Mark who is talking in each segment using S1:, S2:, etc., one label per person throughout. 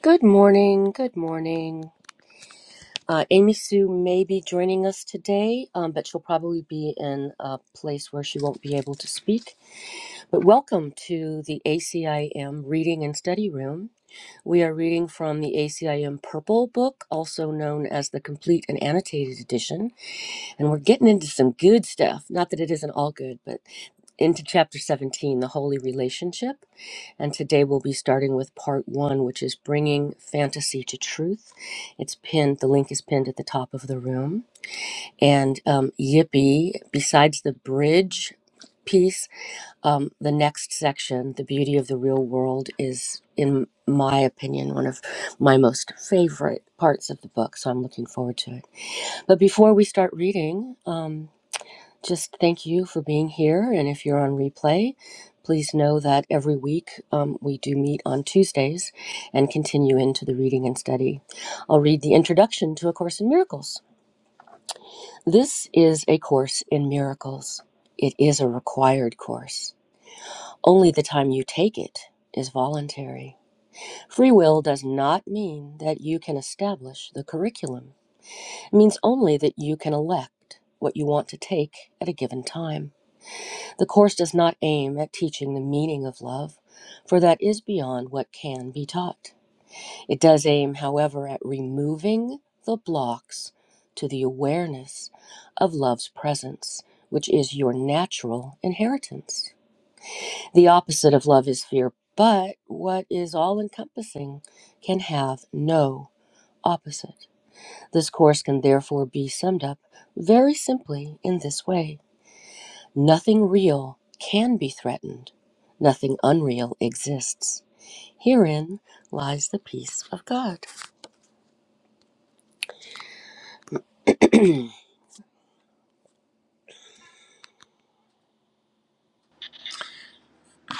S1: Good morning. Good morning. Uh, Amy Sue may be joining us today, um, but she'll probably be in a place where she won't be able to speak. But welcome to the ACIM Reading and Study Room. We are reading from the ACIM Purple Book, also known as the Complete and Annotated Edition. And we're getting into some good stuff. Not that it isn't all good, but into chapter 17, the holy relationship. And today we'll be starting with part one, which is bringing fantasy to truth. It's pinned, the link is pinned at the top of the room. And um, yippee, besides the bridge piece, um, the next section, the beauty of the real world, is, in my opinion, one of my most favorite parts of the book. So I'm looking forward to it. But before we start reading, um, just thank you for being here. And if you're on replay, please know that every week um, we do meet on Tuesdays and continue into the reading and study. I'll read the introduction to A Course in Miracles. This is A Course in Miracles. It is a required course. Only the time you take it is voluntary. Free will does not mean that you can establish the curriculum, it means only that you can elect what you want to take at a given time. The Course does not aim at teaching the meaning of love, for that is beyond what can be taught. It does aim, however, at removing the blocks to the awareness of love's presence, which is your natural inheritance. The opposite of love is fear, but what is all encompassing can have no opposite. This course can therefore be summed up very simply in this way. Nothing real can be threatened, nothing unreal exists. Herein lies the peace of God.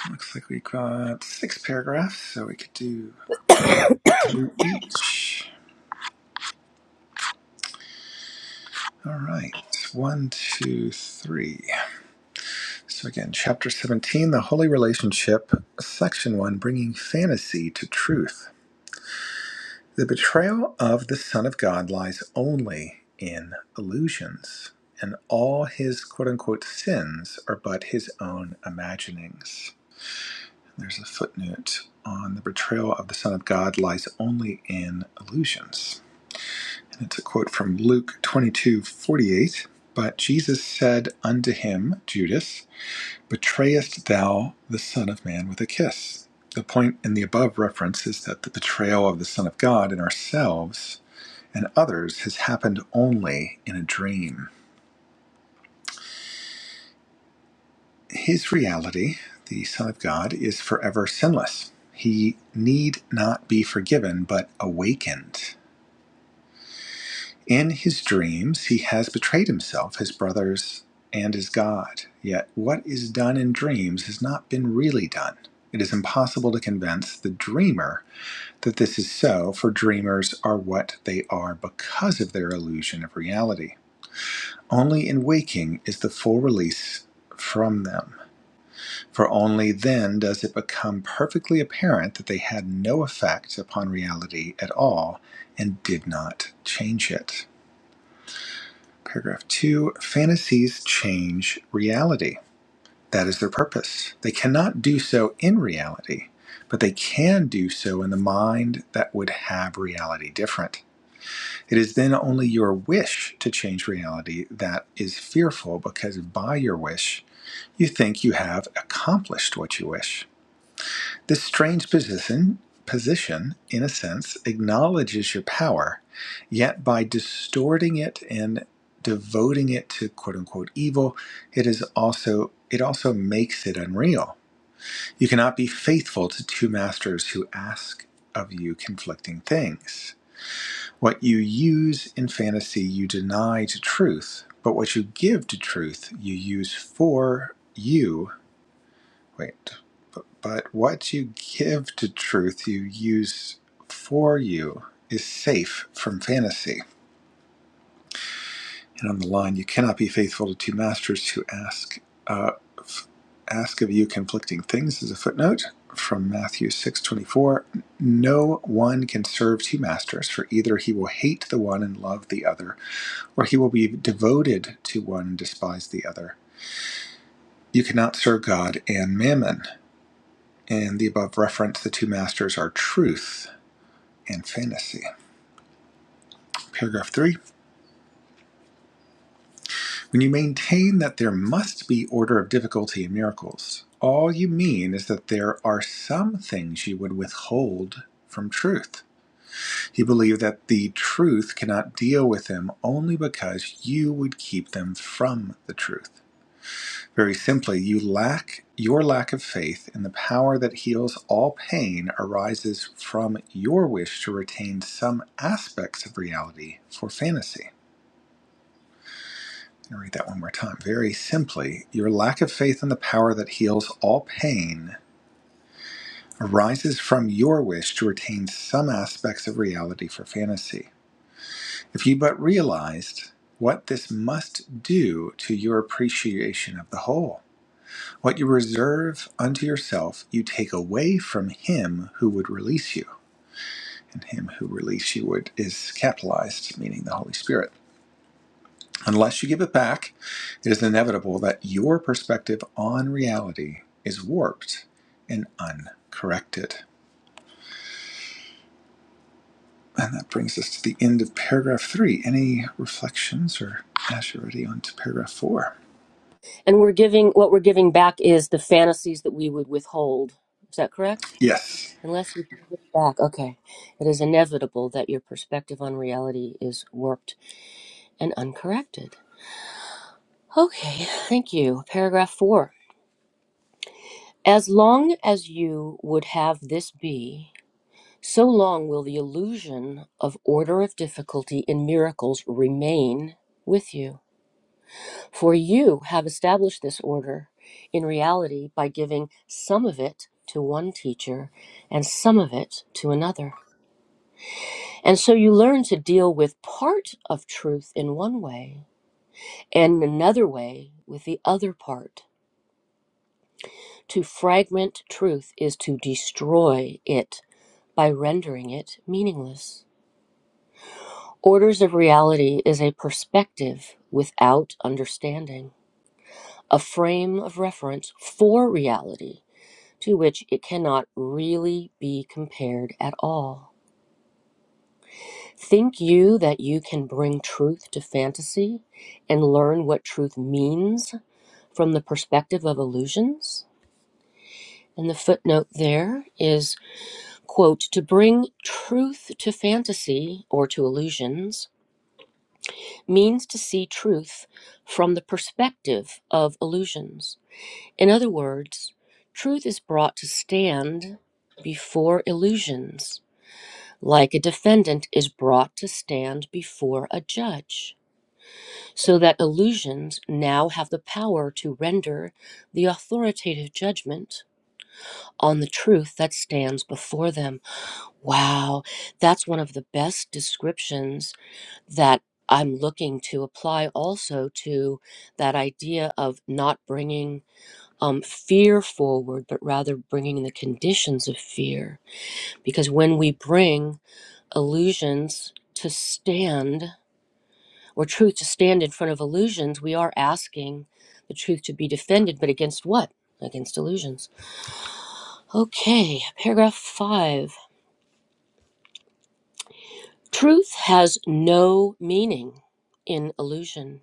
S2: Looks like we got six paragraphs, so we could do through each. All right, one, two, three. So again, chapter 17, The Holy Relationship, section one, Bringing Fantasy to Truth. The betrayal of the Son of God lies only in illusions, and all his quote unquote sins are but his own imaginings. There's a footnote on the betrayal of the Son of God lies only in illusions. It's a quote from Luke twenty-two forty-eight. But Jesus said unto him, Judas, Betrayest thou the Son of Man with a kiss? The point in the above reference is that the betrayal of the Son of God in ourselves and others has happened only in a dream. His reality, the Son of God, is forever sinless. He need not be forgiven, but awakened. In his dreams, he has betrayed himself, his brothers, and his God. Yet what is done in dreams has not been really done. It is impossible to convince the dreamer that this is so, for dreamers are what they are because of their illusion of reality. Only in waking is the full release from them, for only then does it become perfectly apparent that they had no effect upon reality at all and did not change it. Paragraph two fantasies change reality. That is their purpose. They cannot do so in reality, but they can do so in the mind that would have reality different. It is then only your wish to change reality that is fearful because by your wish, you think you have accomplished what you wish. This strange position, position, in a sense, acknowledges your power, yet by distorting it and devoting it to quote unquote evil, it is also it also makes it unreal. You cannot be faithful to two masters who ask of you conflicting things. What you use in fantasy you deny to truth, but what you give to truth you use for you Wait, but, but what you give to truth you use for you is safe from fantasy. And on the line, you cannot be faithful to two masters who ask uh, f- ask of you conflicting things. As a footnote from Matthew six twenty four, no one can serve two masters, for either he will hate the one and love the other, or he will be devoted to one and despise the other. You cannot serve God and mammon. and the above reference, the two masters are truth and fantasy. Paragraph three When you maintain that there must be order of difficulty in miracles, all you mean is that there are some things you would withhold from truth. You believe that the truth cannot deal with them only because you would keep them from the truth. Very simply, you lack your lack of faith in the power that heals all pain arises from your wish to retain some aspects of reality for fantasy. I'll read that one more time. Very simply, your lack of faith in the power that heals all pain arises from your wish to retain some aspects of reality for fantasy. If you but realized what this must do to your appreciation of the whole. What you reserve unto yourself, you take away from him who would release you. And him who release you would is capitalized, meaning the Holy Spirit. Unless you give it back, it is inevitable that your perspective on reality is warped and uncorrected. And that brings us to the end of paragraph three. Any reflections or as you're ready on to paragraph four?
S1: And we're giving what we're giving back is the fantasies that we would withhold. Is that correct?
S2: Yes.
S1: Unless you give it back, okay. It is inevitable that your perspective on reality is warped and uncorrected. Okay, thank you. Paragraph four. As long as you would have this be, So long will the illusion of order of difficulty in miracles remain with you. For you have established this order in reality by giving some of it to one teacher and some of it to another. And so you learn to deal with part of truth in one way and another way with the other part. To fragment truth is to destroy it by rendering it meaningless. Orders of reality is a perspective without understanding, a frame of reference for reality to which it cannot really be compared at all. Think you that you can bring truth to fantasy and learn what truth means from the perspective of illusions? And the footnote there is quote, to bring truth to fantasy or to illusions means to see truth from the perspective of illusions. In other words, truth is brought to stand before illusions, like a defendant is brought to stand before a judge, so that illusions now have the power to render the authoritative judgment on the truth that stands before them. Wow, that's one of the best descriptions that I'm looking to apply also to that idea of not bringing um, fear forward, but rather bringing the conditions of fear. Because when we bring illusions to stand, or truth to stand in front of illusions, we are asking the truth to be defended, but against what? Against illusions. Okay, paragraph five. Truth has no meaning in illusion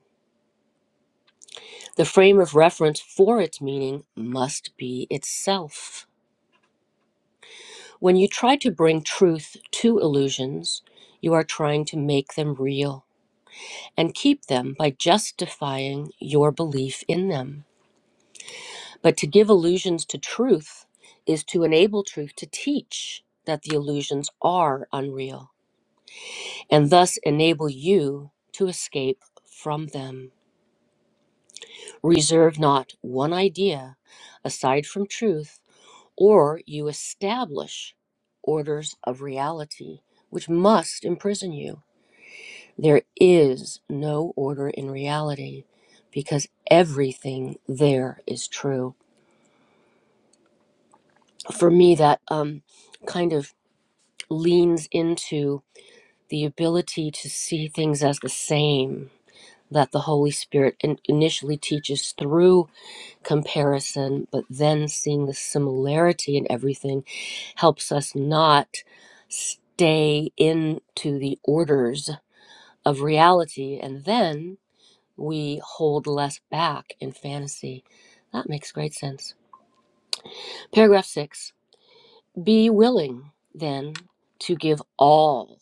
S1: The frame of reference for its meaning must be itself. When you try to bring truth to illusions, you are trying to make them real and keep them by justifying your belief in them. But to give illusions to truth is to enable truth to teach that the illusions are unreal and thus enable you to escape from them. Reserve not one idea aside from truth or you establish orders of reality, which must imprison you. There is no order in reality because everything there is true. For me, that um, kind of leans into the ability to see things as the same that the Holy Spirit in- initially teaches through comparison, but then seeing the similarity in everything helps us not stay into the orders of reality. And then we hold less back in fantasy. That makes great sense. Paragraph six Be willing then to give all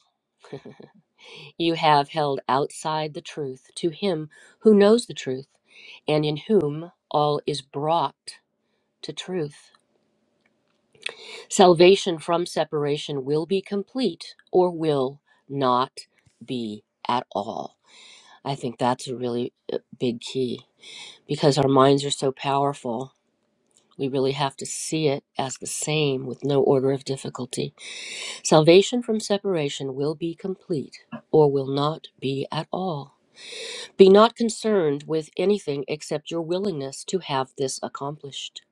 S1: you have held outside the truth to him who knows the truth and in whom all is brought to truth. Salvation from separation will be complete or will not be at all. I think that's a really uh, big key because our minds are so powerful. We really have to see it as the same with no order of difficulty. Salvation from separation will be complete or will not be at all. Be not concerned with anything except your willingness to have this accomplished.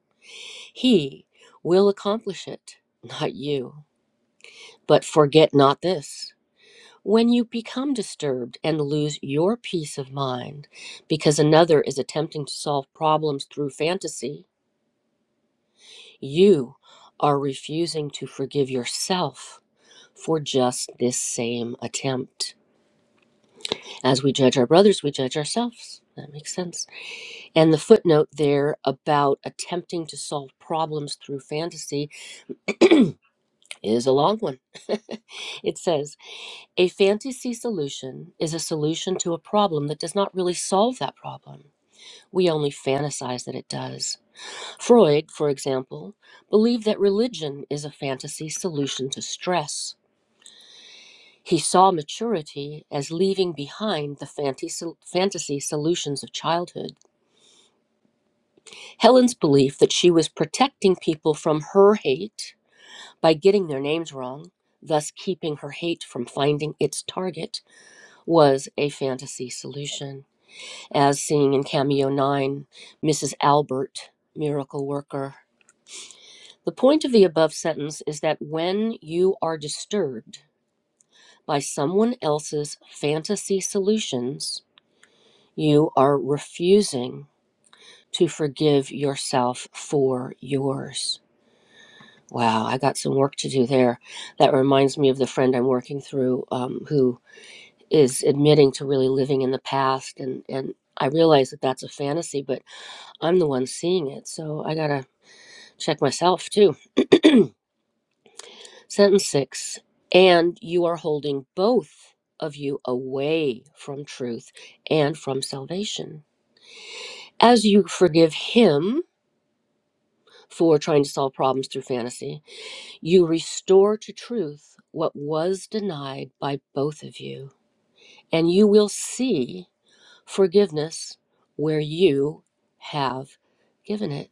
S1: He will accomplish it, not you. But forget not this when you become disturbed and lose your peace of mind because another is attempting to solve problems through fantasy, you are refusing to forgive yourself for just this same attempt. As we judge our brothers, we judge ourselves. That makes sense. And the footnote there about attempting to solve problems through fantasy is a long one. it says, A fantasy solution is a solution to a problem that does not really solve that problem. We only fantasize that it does. Freud, for example, believed that religion is a fantasy solution to stress. He saw maturity as leaving behind the fanti- fantasy solutions of childhood. Helen's belief that she was protecting people from her hate by getting their names wrong, thus keeping her hate from finding its target, was a fantasy solution. as seen in Cameo 9, Mrs. Albert, miracle worker. The point of the above sentence is that when you are disturbed by someone else's fantasy solutions, you are refusing to forgive yourself for yours. Wow, I got some work to do there. That reminds me of the friend I'm working through um, who is admitting to really living in the past. And, and I realize that that's a fantasy, but I'm the one seeing it. So I got to check myself too. Sentence six, and you are holding both of you away from truth and from salvation. As you forgive him for trying to solve problems through fantasy, you restore to truth what was denied by both of you, and you will see forgiveness where you have given it.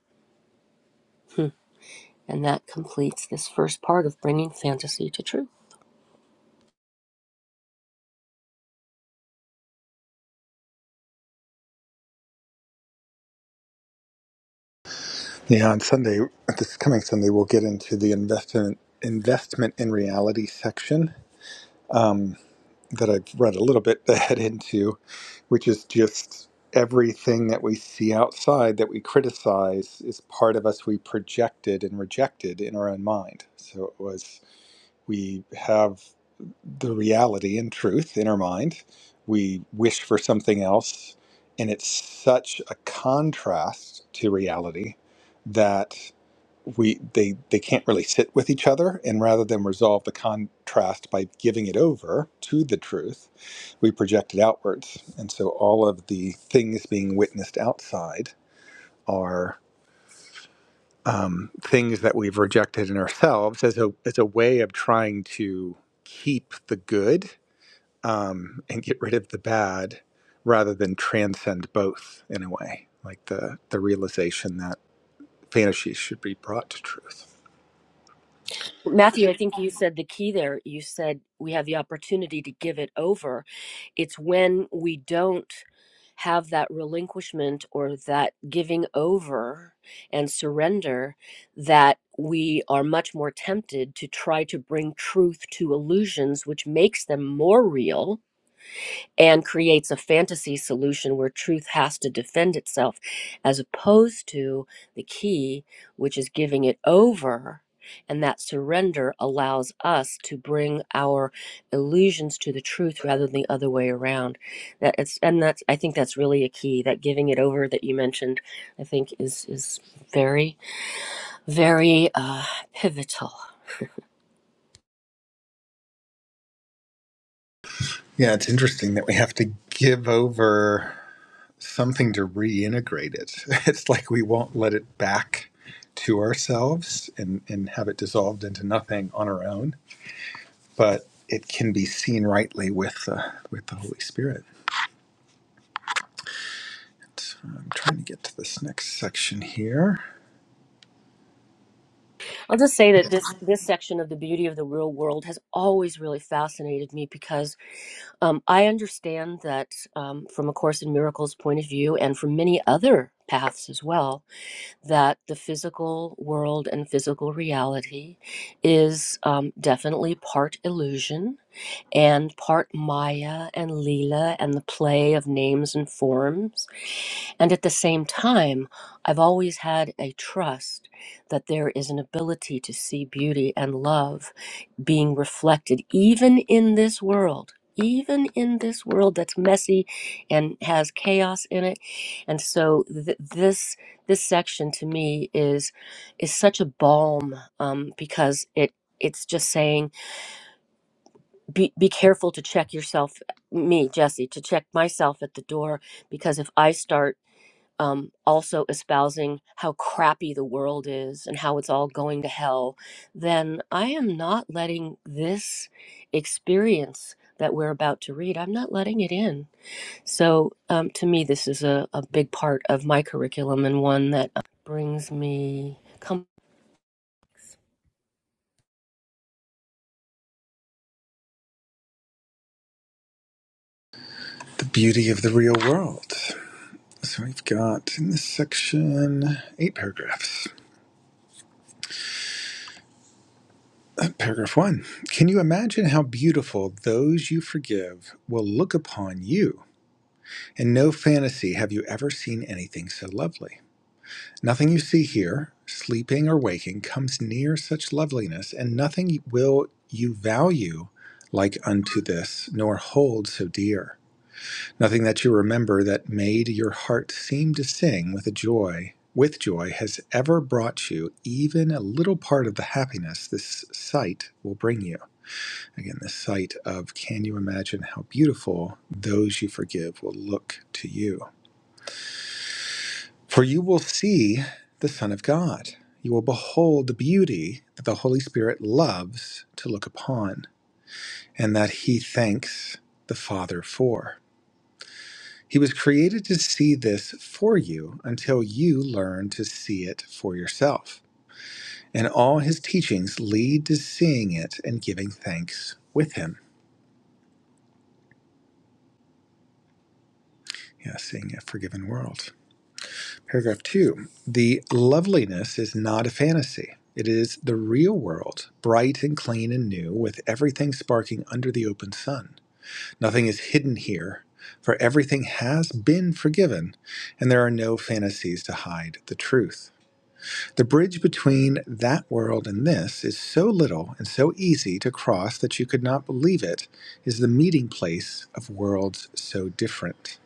S1: And that completes this first part of bringing fantasy to truth.
S2: Yeah, on Sunday, this coming Sunday, we'll get into the investment investment in reality section um, that I've read a little bit ahead into, which is just everything that we see outside that we criticize is part of us we projected and rejected in our own mind. So it was we have the reality and truth in our mind. We wish for something else. And it's such a contrast to reality that we they they can't really sit with each other and rather than resolve the contrast by giving it over to the truth we project it outwards and so all of the things being witnessed outside are um, things that we've rejected in ourselves as a as a way of trying to keep the good um, and get rid of the bad rather than transcend both in a way, like the, the realization that fantasies should be brought to truth.
S1: Matthew, I think you said the key there. You said we have the opportunity to give it over. It's when we don't have that relinquishment or that giving over and surrender that we are much more tempted to try to bring truth to illusions, which makes them more real and creates a fantasy solution where truth has to defend itself, as opposed to the key, which is giving it over. And that surrender allows us to bring our illusions to the truth rather than the other way around. That it's, and that's, I think that's really a key. That giving it over that you mentioned, I think is is very, very uh, pivotal.
S2: Yeah, it's interesting that we have to give over something to reintegrate it. It's like we won't let it back to ourselves and, and have it dissolved into nothing on our own, but it can be seen rightly with, uh, with the Holy Spirit. So I'm trying to get to this next section here
S1: I'll just say that this this section of the beauty of the real world has always really fascinated me because Um, I understand that um, from A Course in Miracles point of view, and from many other paths as well, that the physical world and physical reality is um, definitely part illusion and part Maya and Leela and the play of names and forms and at the same time, I've always had a trust that there is an ability to see beauty and love being reflected, even in this world, even in this world that's messy and has chaos in it. And so th- this this section to me is is such a balm um, because it it's just saying be, be careful to check yourself me jesse to check myself at the door because if i start um, also espousing how crappy the world is and how it's all going to hell, then I am not letting this experience that we're about to read, I'm not letting it in. So um, to me, this is a, a big part of my curriculum and one that uh, brings me. Come,
S2: the beauty of the real world. So we've got in this section eight paragraphs. Uh, Paragraph one Can you imagine how beautiful those you forgive will look upon you? In no fantasy have you ever seen anything so lovely. Nothing you see here, sleeping or waking, comes near such loveliness, and nothing will you value like unto this, nor hold so dear. Nothing that you remember that made your heart seem to sing with a joy, with joy, has ever brought you even a little part of the happiness this sight will bring you. Again, the sight of can you imagine how beautiful those you forgive will look to you? For you will see the Son of God. You will behold the beauty that the Holy Spirit loves to look upon and that he thanks the Father for. He was created to see this for you until you learn to see it for yourself. And all his teachings lead to seeing it and giving thanks with him. Yeah, seeing a forgiven world. Paragraph two The loveliness is not a fantasy. It is the real world, bright and clean and new, with everything sparking under the open sun. Nothing is hidden here, for everything has been forgiven, and there are no fantasies to hide the truth. The bridge between that world and this is so little and so easy to cross that you could not believe it is the meeting place of worlds so different.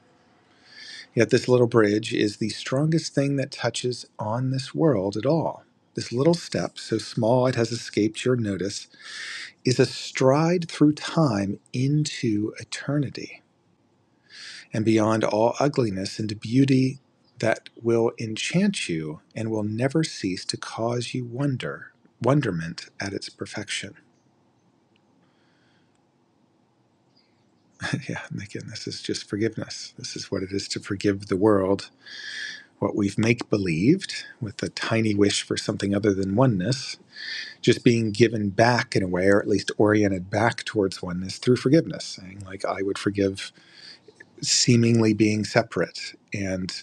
S2: Yet this little bridge is the strongest thing that touches on this world at all. This little step, so small it has escaped your notice, is a stride through time into eternity and beyond all ugliness into beauty that will enchant you and will never cease to cause you wonder wonderment at its perfection yeah and again this is just forgiveness this is what it is to forgive the world what we've make believed with a tiny wish for something other than oneness just being given back in a way or at least oriented back towards oneness through forgiveness saying like i would forgive seemingly being separate and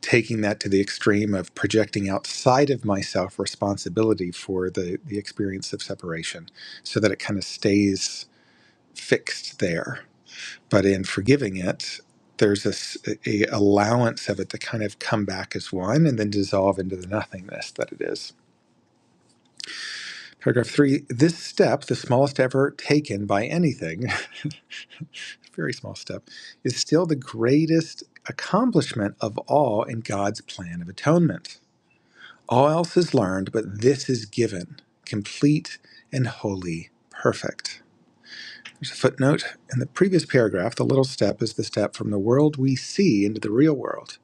S2: taking that to the extreme of projecting outside of myself responsibility for the the experience of separation so that it kind of stays fixed there but in forgiving it there's this a allowance of it to kind of come back as one and then dissolve into the nothingness that it is paragraph 3 this step the smallest ever taken by anything very small step is still the greatest accomplishment of all in God's plan of atonement All else is learned, but this is given, complete and wholly perfect. There's a footnote. In the previous paragraph, the little step is the step from the world we see into the real world.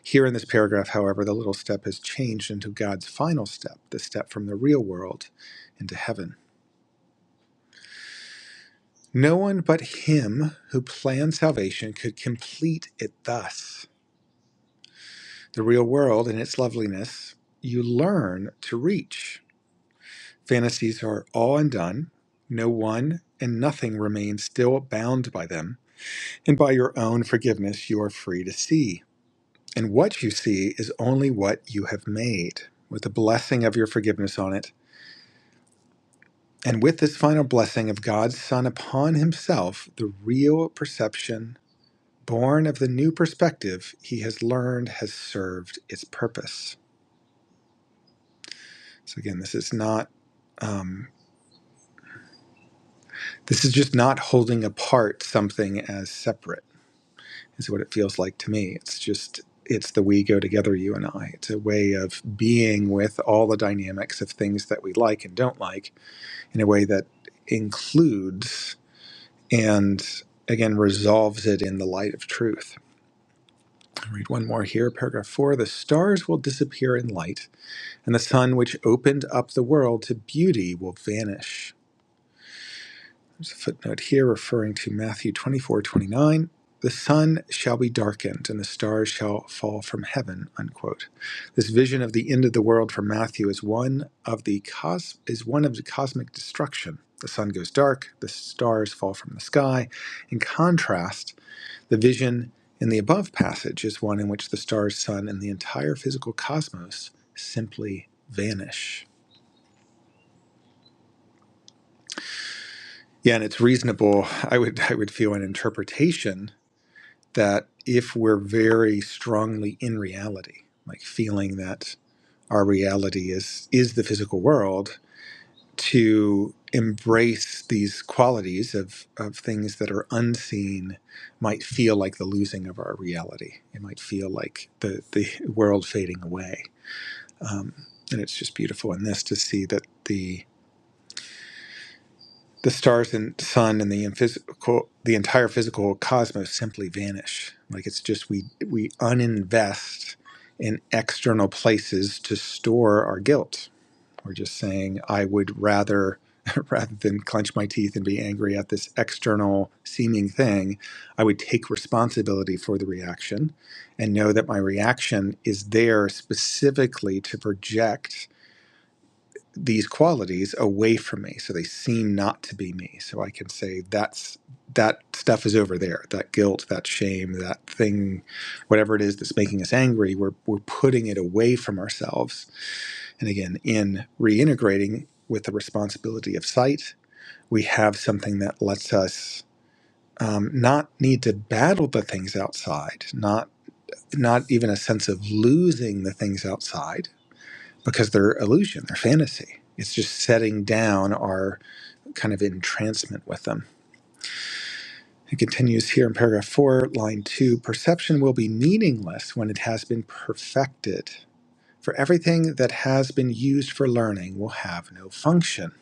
S2: Here in this paragraph, however, the little step has changed into God's final step, the step from the real world into heaven. No one but Him who planned salvation could complete it thus. The real world and its loveliness you learn to reach Fantasies are all undone, no one and nothing remains still bound by them, and by your own forgiveness you are free to see. And what you see is only what you have made, with the blessing of your forgiveness on it. And with this final blessing of God's Son upon Himself, the real perception, born of the new perspective He has learned, has served its purpose. So, again, this is not, um, this is just not holding apart something as separate is what it feels like to me. It's just, it's the we go together, you and I. It's a way of being with all the dynamics of things that we like and don't like in a way that includes and again resolves it in the light of truth. I'll read one more here, paragraph four. The stars will disappear in light, and the sun, which opened up the world to beauty, will vanish. There's a footnote here referring to Matthew 24 29. The sun shall be darkened and the stars shall fall from heaven. Unquote. This vision of the end of the world from Matthew is one of the cos- is one of the cosmic destruction. The sun goes dark, the stars fall from the sky. In contrast, the vision in the above passage is one in which the stars, sun, and the entire physical cosmos simply vanish. Yeah, and it's reasonable. I would I would feel an interpretation that if we're very strongly in reality, like feeling that our reality is is the physical world, to embrace these qualities of, of things that are unseen might feel like the losing of our reality. It might feel like the, the world fading away. Um, and it's just beautiful in this to see that the. The stars and sun and the physical, the entire physical cosmos simply vanish. Like it's just we we uninvest in external places to store our guilt. We're just saying, I would rather rather than clench my teeth and be angry at this external seeming thing, I would take responsibility for the reaction and know that my reaction is there specifically to project these qualities away from me so they seem not to be me so i can say that's that stuff is over there that guilt that shame that thing whatever it is that's making us angry we're, we're putting it away from ourselves and again in reintegrating with the responsibility of sight we have something that lets us um, not need to battle the things outside not not even a sense of losing the things outside because they're illusion they're fantasy it's just setting down our kind of entrancement with them. It continues here in paragraph four, line two perception will be meaningless when it has been perfected. For everything that has been used for learning will have no function.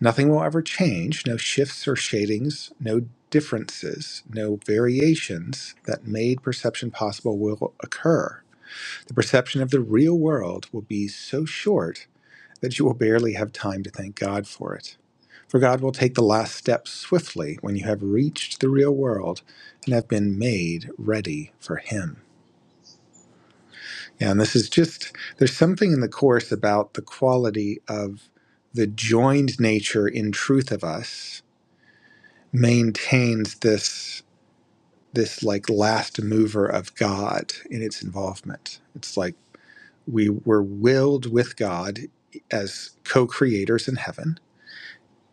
S2: Nothing will ever change, no shifts or shadings, no differences, no variations that made perception possible will occur. The perception of the real world will be so short that you will barely have time to thank God for it. For God will take the last step swiftly when you have reached the real world and have been made ready for Him. Yeah, And this is just, there's something in the Course about the quality of the joined nature in truth of us maintains this this like last mover of God in its involvement. It's like we were willed with God as co-creators in heaven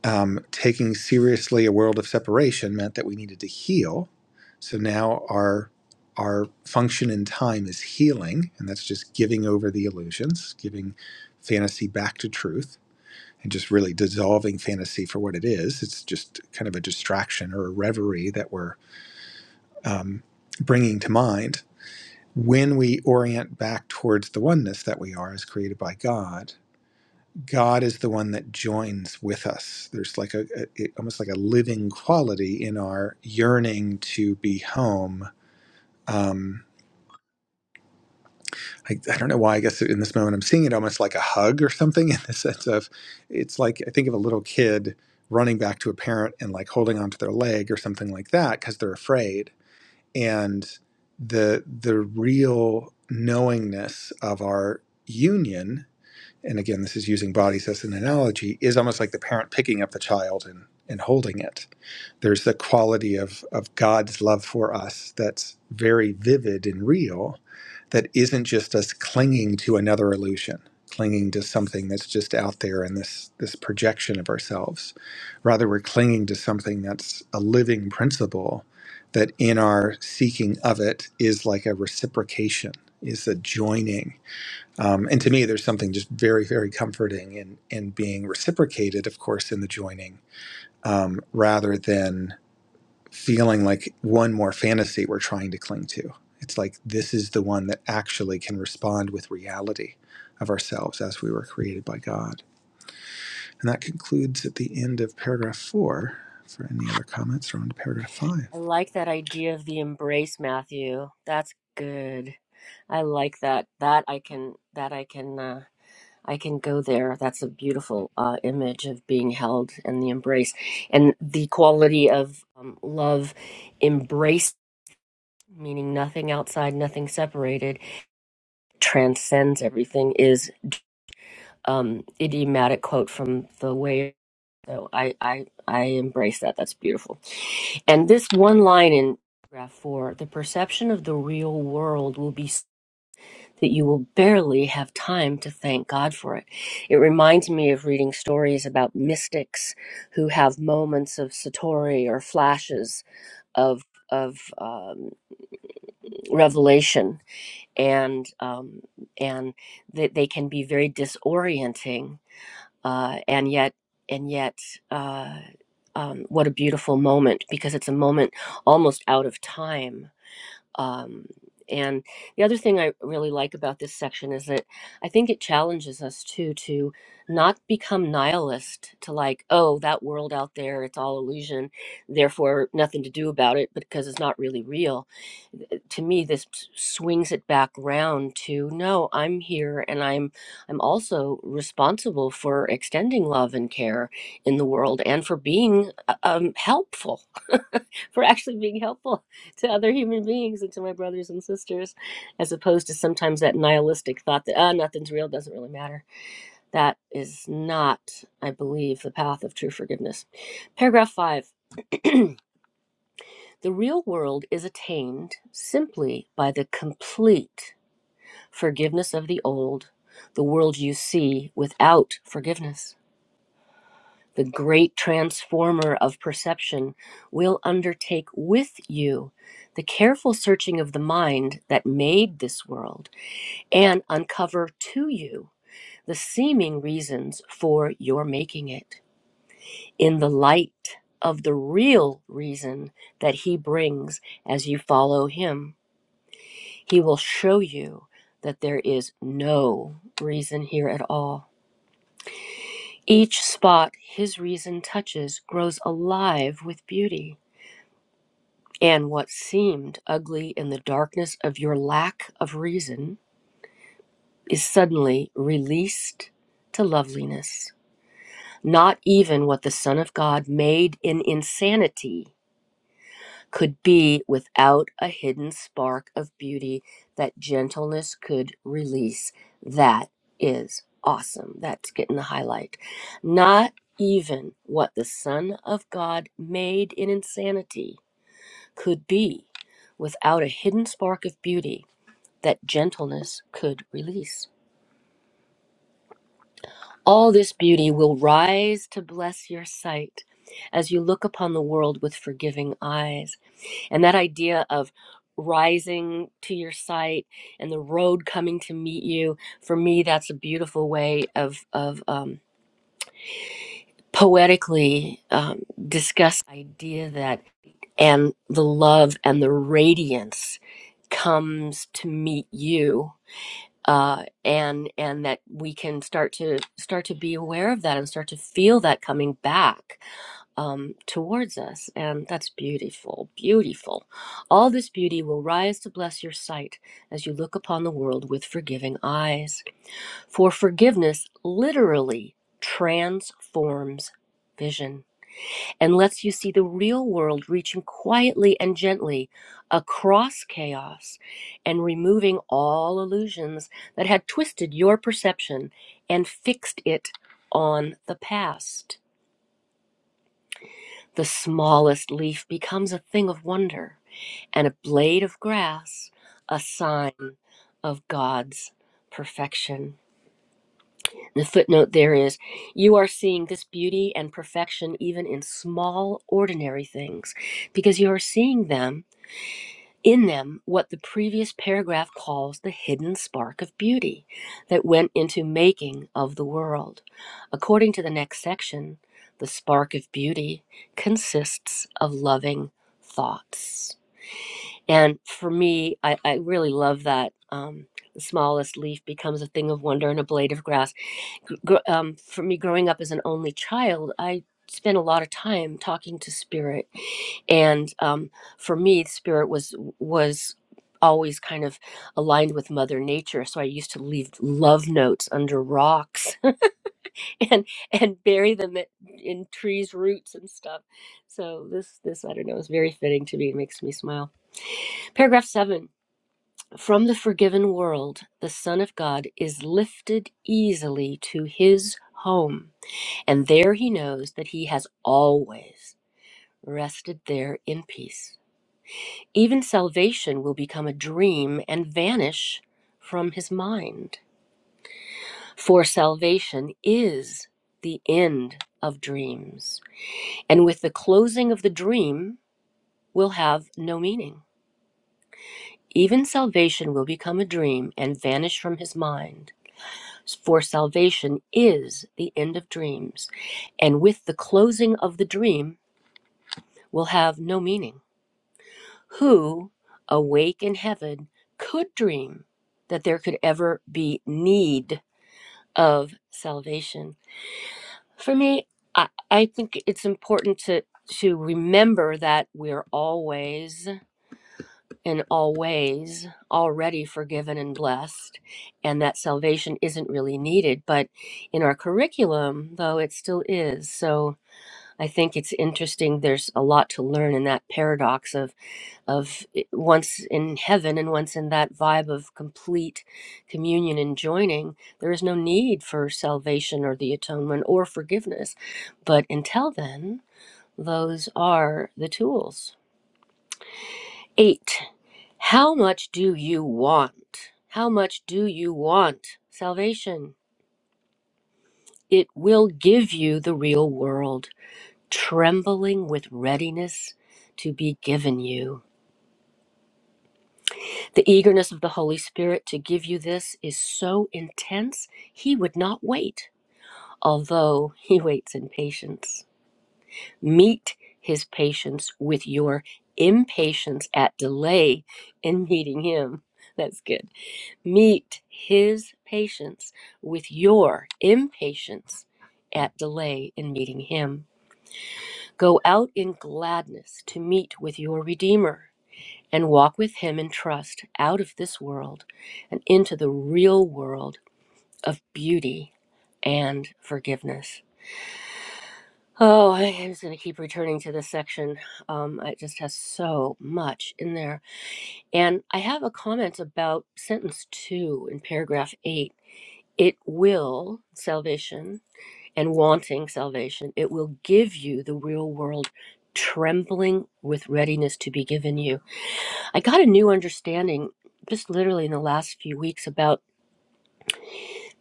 S2: um, taking seriously a world of separation meant that we needed to heal. So now our our function in time is healing, and that's just giving over the illusions, giving fantasy back to truth, and just really dissolving fantasy for what it is. It's just kind of a distraction or a reverie that we're um, bringing to mind when we orient back towards the oneness that we are as created by God God is the one that joins with us. There's like a, a almost like a living quality in our yearning to be home. Um, I, I don't know why. I guess in this moment I'm seeing it almost like a hug or something in the sense of it's like I think of a little kid running back to a parent and like holding onto their leg or something like that because they're afraid. And the the real knowingness of our union and again, this is using bodies as an analogy, is almost like the parent picking up the child and, and holding it. There's the quality of, of God's love for us that's very vivid and real, that isn't just us clinging to another illusion, clinging to something that's just out there in this, this projection of ourselves. Rather, we're clinging to something that's a living principle that in our seeking of it is like a reciprocation, is a joining um, and to me, there's something just very, very comforting in in being reciprocated, of course, in the joining, rather than feeling like one more fantasy we're trying to cling to. It's like this is the one that actually can respond with reality of ourselves as we were created by God. And that concludes at the end of paragraph four. For any other comments, we're on to paragraph five.
S1: I like that idea of the embrace, Matthew. That's good. I like that. That I can. That I can. Uh, I can go there. That's a beautiful uh, image of being held and the embrace and the quality of um, love, embrace, meaning nothing outside, nothing separated, transcends everything. Is um, idiomatic quote from the way. So I I I embrace that. That's beautiful. And this one line in paragraph four: the perception of the real world will be. that you will barely have time to thank God for it. It reminds me of reading stories about mystics who have moments of satori or flashes of of um, revelation, and um, and that they can be very disorienting, uh, and yet and yet. Uh, um, what a beautiful moment because it's a moment almost out of time um, and the other thing I really like about this section is that I think it challenges us too to not become nihilist to like, oh, that world out there, it's all illusion, therefore nothing to do about it because it's not really real. Th- To me, this s- swings it back round to no, I'm here and I'm I'm also responsible for extending love and care in the world and for being uh, um, helpful for actually being helpful to other human beings and to my brothers and sisters, as opposed to sometimes that nihilistic thought that ah nothing's real, doesn't really matter. That is not, I believe, the path of true forgiveness. Paragraph five. The real world is attained simply by the complete forgiveness of the old, the world you see without forgiveness. the great transformer of perception, will undertake with you the careful searching of the mind that made this world and uncover to you the seeming reasons for your making it in the light of the real reason that he brings as you follow him. He will show you that there is no reason here at all. Each spot his reason touches grows alive with beauty And what seemed ugly in the darkness of your lack of reason is suddenly released to loveliness. Not even what the Son of God made in insanity could be without a hidden spark of beauty that gentleness could release. That is awesome. That's getting the highlight. Not even what the Son of God made in insanity could be without a hidden spark of beauty that gentleness could release. All this beauty will rise to bless your sight as you look upon the world with forgiving eyes. And that idea of rising to your sight and the road coming to meet you, for me, that's a beautiful way of, of um, poetically um, discuss the idea that and the love and the radiance comes to meet you uh, and and that we can start to start to be aware of that and start to feel that coming back um, towards us and that's beautiful beautiful all this beauty will rise to bless your sight as you look upon the world with forgiving eyes for forgiveness literally transforms vision and lets you see the real world reaching quietly and gently across chaos and removing all illusions that had twisted your perception and fixed it on the past. The smallest leaf becomes a thing of wonder, and a blade of grass a sign of God's perfection. The footnote there is you are seeing this beauty and perfection even in small, ordinary things, because you are seeing them in them what the previous paragraph calls the hidden spark of beauty that went into making of the world. According to the next section, the spark of beauty consists of loving thoughts. And for me, I, I really love that. Um, the smallest leaf becomes a thing of wonder and a blade of grass gr- um, for me growing up as an only child, I spent a lot of time talking to spirit, and um, for me, spirit was was always kind of aligned with mother nature so i used to leave love notes under rocks and and bury them at, in trees roots and stuff so this this i don't know is very fitting to me it makes me smile paragraph 7 from the forgiven world the son of god is lifted easily to his home and there he knows that he has always rested there in peace. Even salvation will become a dream and vanish from his mind. For salvation is the end of dreams. And with the closing of the dream, will have no meaning. Even salvation will become a dream and vanish from his mind. For salvation is the end of dreams. And with the closing of the dream, will have no meaning. who, awake in heaven, could dream that there could ever be need of salvation. For me, I, I think it's important to to remember that we're always and always already forgiven and blessed and that salvation isn't really needed but in our curriculum though it still is so i think it's interesting there's a lot to learn in that paradox of of eh, once in heaven and once in that vibe of complete communion and joining, there is no need for salvation or the atonement or forgiveness. But until then, those are the tools. Eight, how much do you want? How much do you want salvation? It will give you the real world, trembling with readiness to be given you. The eagerness of the Holy Spirit to give you this is so intense, he would not wait, although he waits in patience. Meet his patience with your impatience at delay in meeting him. That's good. Meet his patience with your impatience at delay in meeting him. Go out in gladness to meet with your Redeemer and walk with Him in trust out of this world and into the real world of beauty and forgiveness. Oh, I am just going to keep returning to this section. Um, it just has so much in there. And I have a comment about sentence two in paragraph eight. It will, salvation, and wanting salvation, it will give you the real world, trembling with readiness to be given you. I got a new understanding just literally in the last few weeks about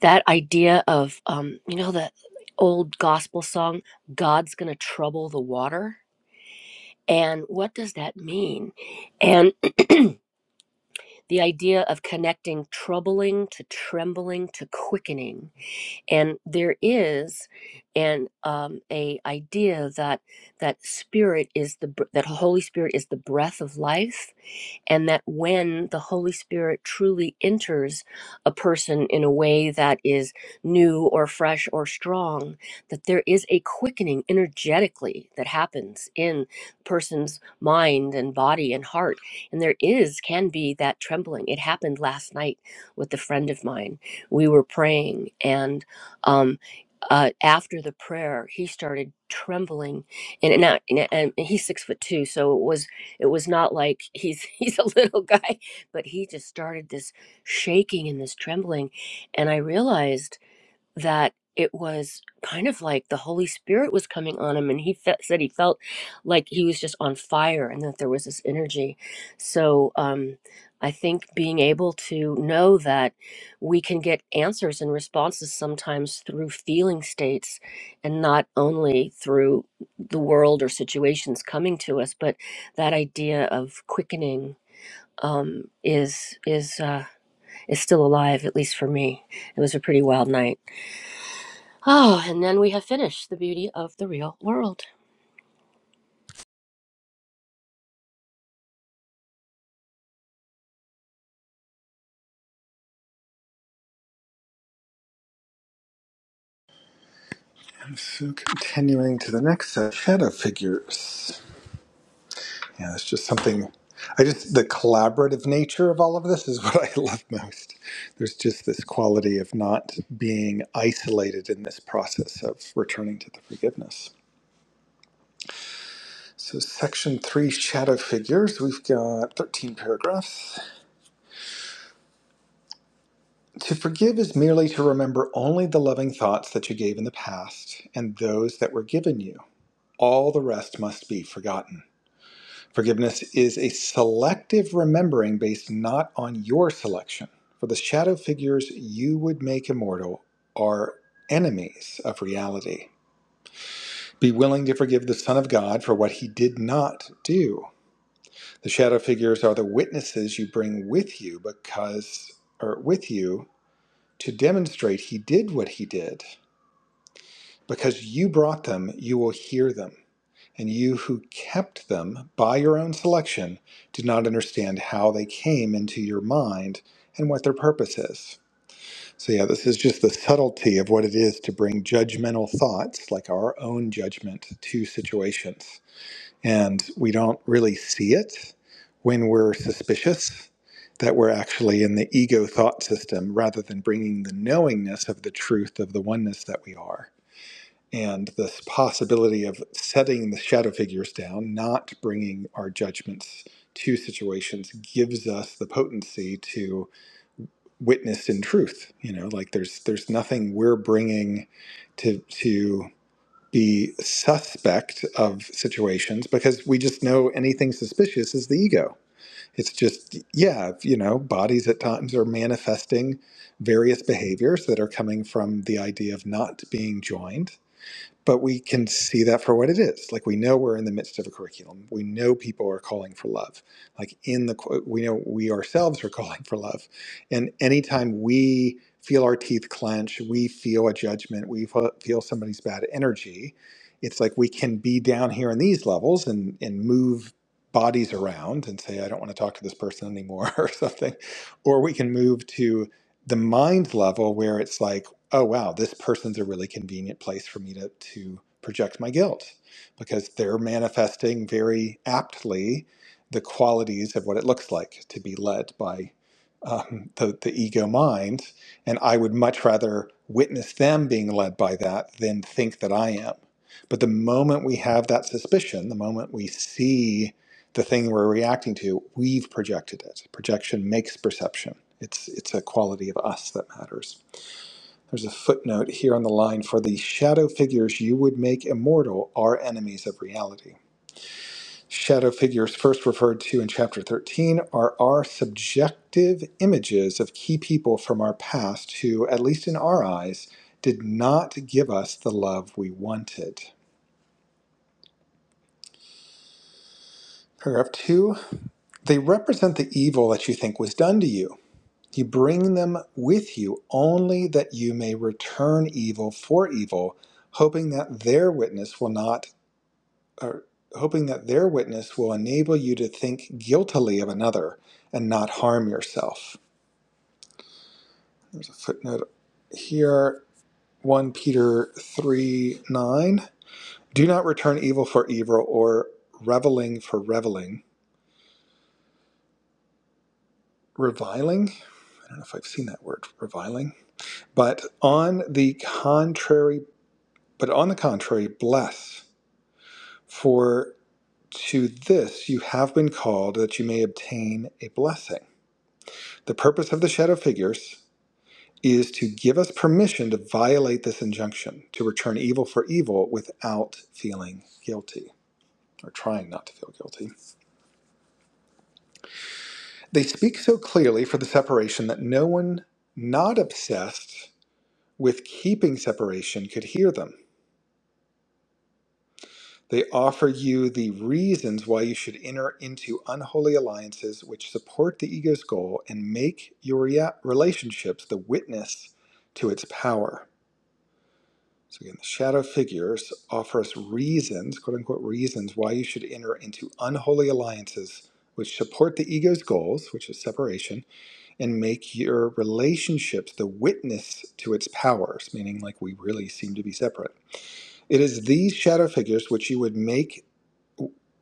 S1: that idea of, um, you know, the old gospel song, God's going to trouble the water. And what does that mean? And the idea of connecting troubling to trembling to quickening. And there is an um, a idea that that spirit is the br- that Holy Spirit is the breath of life and that when the Holy Spirit truly enters a person in a way that is new or fresh or strong, that there is a quickening energetically that happens in person's mind and body and heart. And there is, can be that trembling. It happened last night with a friend of mine. We were praying, and um, uh, after the prayer, he started trembling, and and, I- and, and he's six foot two, so it was it was not like he's he's a little guy, but he just started this shaking and this trembling, and I realized that it was kind of like the Holy Spirit was coming on him, and he fe- said he felt like he was just on fire, and that there was this energy. So um, I think being able to know that we can get answers and responses sometimes through feeling states, and not only through the world or situations coming to us, but that idea of quickening um, is is uh, is still alive, at least for me. It was a pretty wild night. Oh, and then we have finished the beauty of the real world.
S2: And so continuing to the next set, shadow figures. Yeah, it's just something. I just the collaborative nature of all of this is what I love most. There's just this quality of not being isolated in this process of returning to the forgiveness. So, section three, shadow figures. We've got 13 paragraphs. To forgive is merely to remember only the loving thoughts that you gave in the past and those that were given you. All the rest must be forgotten. Forgiveness is a selective remembering based not on your selection, for the shadow figures you would make immortal are enemies of reality. Be willing to forgive the Son of God for what he did not do. The shadow figures are the witnesses you bring with you because, or with you, to demonstrate he did what he did. Because you brought them, you will hear them. and you who kept them by your own selection do not understand how they came into your mind and what their purpose is. So, yeah, this is just the subtlety of what it is to bring judgmental thoughts, like our own judgment, to situations. And we don't really see it when we're suspicious that we're actually in the ego thought system rather than bringing the knowingness of the truth of the oneness that we are and this possibility of setting the shadow figures down, not bringing our judgments to situations, gives us the potency to witness in truth. You know, like there's there's nothing we're bringing to to be suspect of situations because we just know anything suspicious is the ego. It's just yeah, you know, bodies at times are manifesting various behaviors that are coming from the idea of not being joined but we can see that for what it is. Like we know we're in the midst of a curriculum. We know people are calling for love. Like in the we know we ourselves are calling for love. And anytime we feel our teeth clench, we feel a judgment, we feel somebody's bad energy. It's like we can be down here in these levels and and move bodies around and say I don't want to talk to this person anymore or something. Or we can move to the mind level where it's like oh wow this person's a really convenient place for me to, to project my guilt because they're manifesting very aptly the qualities of what it looks like to be led by um, the, the ego mind and i would much rather witness them being led by that than think that i am but the moment we have that suspicion the moment we see the thing we're reacting to we've projected it projection makes perception it's it's a quality of us that matters there's a footnote here on the line for the shadow figures you would make immortal are enemies of reality. Shadow figures, first referred to in chapter 13, are our subjective images of key people from our past who, at least in our eyes, did not give us the love we wanted. Paragraph 2 They represent the evil that you think was done to you. You bring them with you only that you may return evil for evil hoping that their witness will not or hoping that their witness will enable you to think guiltily of another and not harm yourself. There's a footnote here 1 Peter 3 9. Do not return evil for evil or reveling for reveling. Reviling? I don't know if I've seen that word, reviling. But on the contrary, but on the contrary, bless. For to this you have been called that you may obtain a blessing. The purpose of the shadow figures is to give us permission to violate this injunction, to return evil for evil without feeling guilty or trying not to feel guilty. They speak so clearly for the separation that no one not obsessed with keeping separation could hear them. They offer you the reasons why you should enter into unholy alliances which support the ego's goal and make your relationships the witness to its power. So again, the shadow figures offer us reasons, quote unquote, reasons why you should enter into unholy alliances which support the ego's goals, which is separation, and make your relationships the witness to its powers, meaning like we really seem to be separate. It is these shadow figures which you would make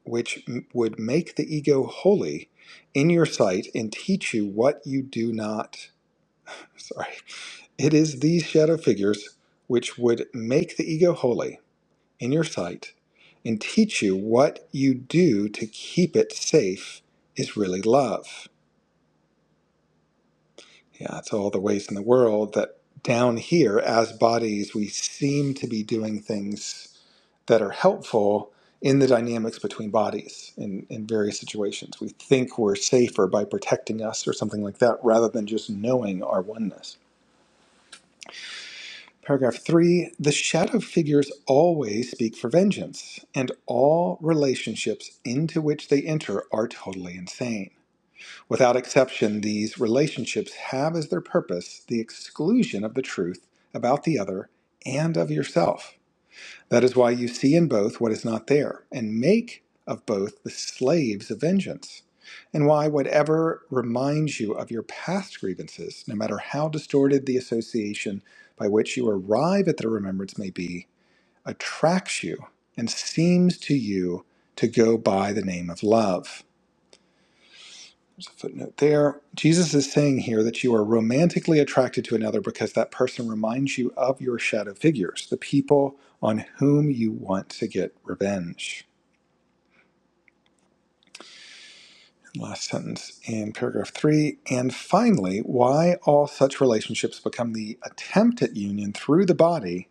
S2: which would make the ego holy in your sight and teach you what you do not sorry. It is these shadow figures which would make the ego holy in your sight and teach you what you do to keep it safe is really love. Yeah, it's all the ways in the world that down here, as bodies, we seem to be doing things that are helpful in the dynamics between bodies in, in various situations. We think we're safer by protecting us or something like that rather than just knowing our oneness. Paragraph three the shadow figures always speak for vengeance, and all relationships into which they enter are totally insane. Without exception, these relationships have as their purpose the exclusion of the truth about the other and of yourself. That is why you see in both what is not there, and make of both the slaves of vengeance, and why whatever reminds you of your past grievances, no matter how distorted the association by which you arrive at the remembrance may be, attracts you and seems to you to go by the name of love footnote there. Jesus is saying here that you are romantically attracted to another because that person reminds you of your shadow figures, the people on whom you want to get revenge. Last sentence in paragraph three. And finally, why all such relationships become the attempt at union through the body,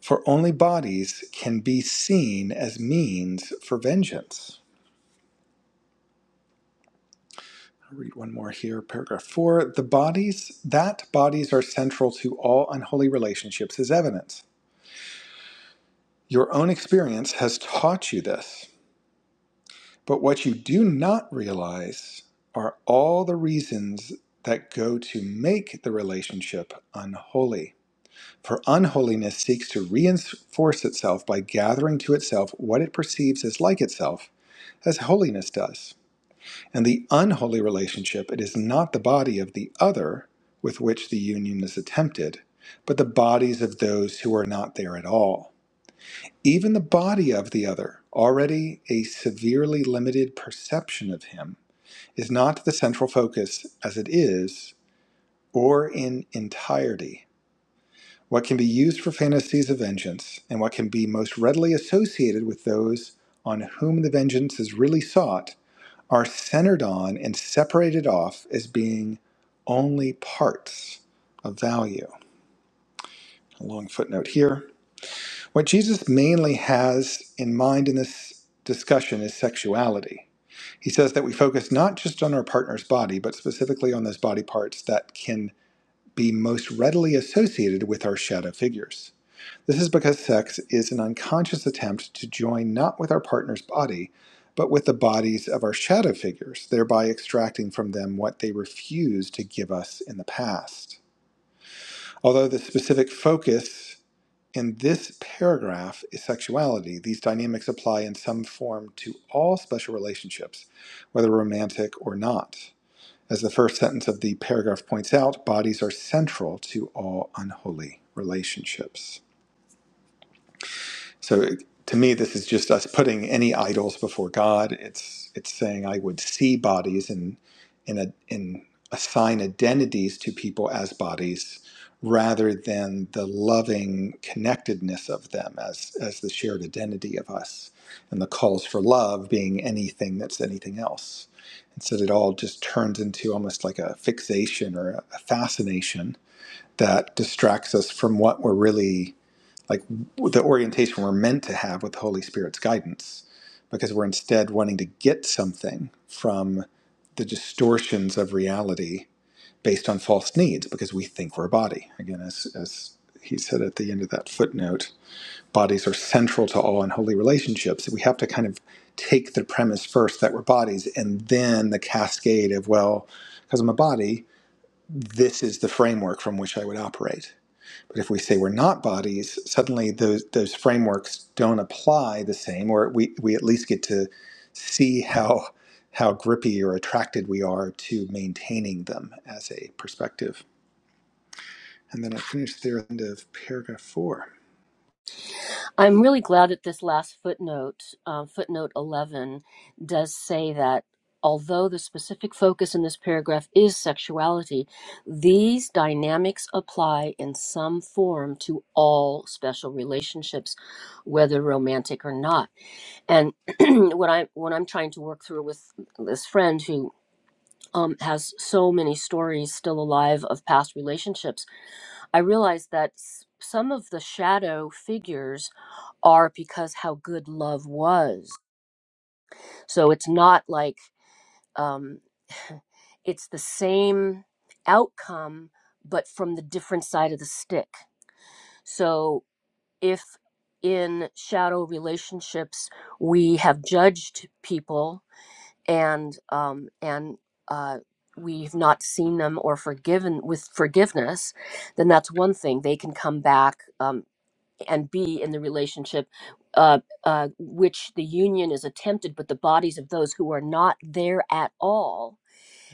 S2: for only bodies can be seen as means for vengeance. I'll read one more here. Paragraph four. The bodies, that bodies are central to all unholy relationships is evident. Your own experience has taught you this. But what you do not realize are all the reasons that go to make the relationship unholy. For unholiness seeks to reinforce itself by gathering to itself what it perceives as like itself, as holiness does. and the unholy relationship, it is not the body of the other with which the union is attempted, but the bodies of those who are not there at all. Even the body of the other, already a severely limited perception of him, is not the central focus as it is or in entirety. What can be used for fantasies of vengeance, and what can be most readily associated with those on whom the vengeance is really sought, are centered on and separated off as being only parts of value. A long footnote here. What Jesus mainly has in mind in this discussion is sexuality. He says that we focus not just on our partner's body, but specifically on those body parts that can be most readily associated with our shadow figures. This is because sex is an unconscious attempt to join not with our partner's body, but with the bodies of our shadow figures, thereby extracting from them what they refused to give us in the past. Although the specific focus in this paragraph is sexuality, these dynamics apply in some form to all special relationships, whether romantic or not. As the first sentence of the paragraph points out, bodies are central to all unholy relationships. So to me, this is just us putting any idols before God. It's it's saying I would see bodies and in a in assign identities to people as bodies rather than the loving connectedness of them as as the shared identity of us and the calls for love being anything that's anything else instead it all just turns into almost like a fixation or a fascination that distracts us from what we're really like the orientation we're meant to have with the Holy Spirit's guidance, because we're instead wanting to get something from the distortions of reality based on false needs, because we think we're a body. Again, as, as he said at the end of that footnote, bodies are central to all unholy relationships. We have to kind of take the premise first that we're bodies, and then the cascade of, well, because I'm a body, this is the framework from which I would operate but if we say we're not bodies, suddenly those those frameworks don't apply the same, or we, we at least get to see how how grippy or attracted we are to maintaining them as a perspective. And then I finished there at the end of paragraph four.
S1: I'm really glad that this last footnote, um, footnote 11, does say that although the specific focus in this paragraph is sexuality, these dynamics apply in some form to all special relationships, whether romantic or not. And what I what I'm trying to work through with this friend who um, has so many stories still alive of past relationships I realized that s- some of the shadow figures are because how good love was. So it's not like um, it's the same outcome, but from the different side of the stick. So if in shadow relationships we have judged people and um, and uh, we've not seen them or forgiven with forgiveness, then that's one thing. They can come back. um, and be in the relationship uh, uh, which the union is attempted, but the bodies of those who are not there at all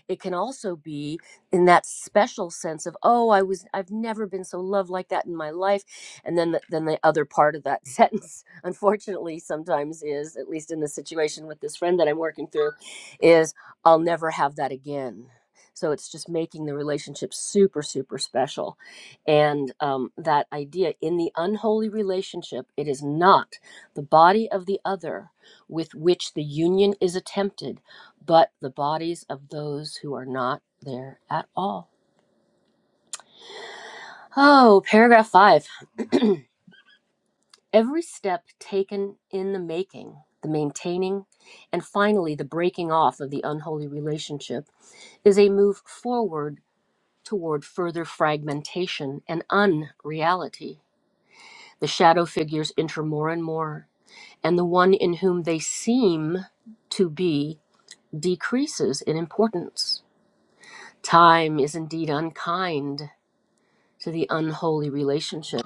S1: it can also be in that special sense of, oh, I was, I've never been so loved like that in my life. And then, the, then the other part of that sentence, unfortunately, sometimes is, at least in the situation with this friend that I'm working through, is, I'll never have that again. So it's just making the relationship super, super special and um, that idea in the unholy relationship it is not the body of the other with which the union is attempted but the bodies of those who are not there at all. Oh, paragraph five. Every step taken in the making, the maintaining, and finally the breaking off of the unholy relationship is a move forward toward further fragmentation and unreality. The shadow figures enter more and more, and the one in whom they seem to be decreases in importance. Time is indeed unkind to the unholy relationship.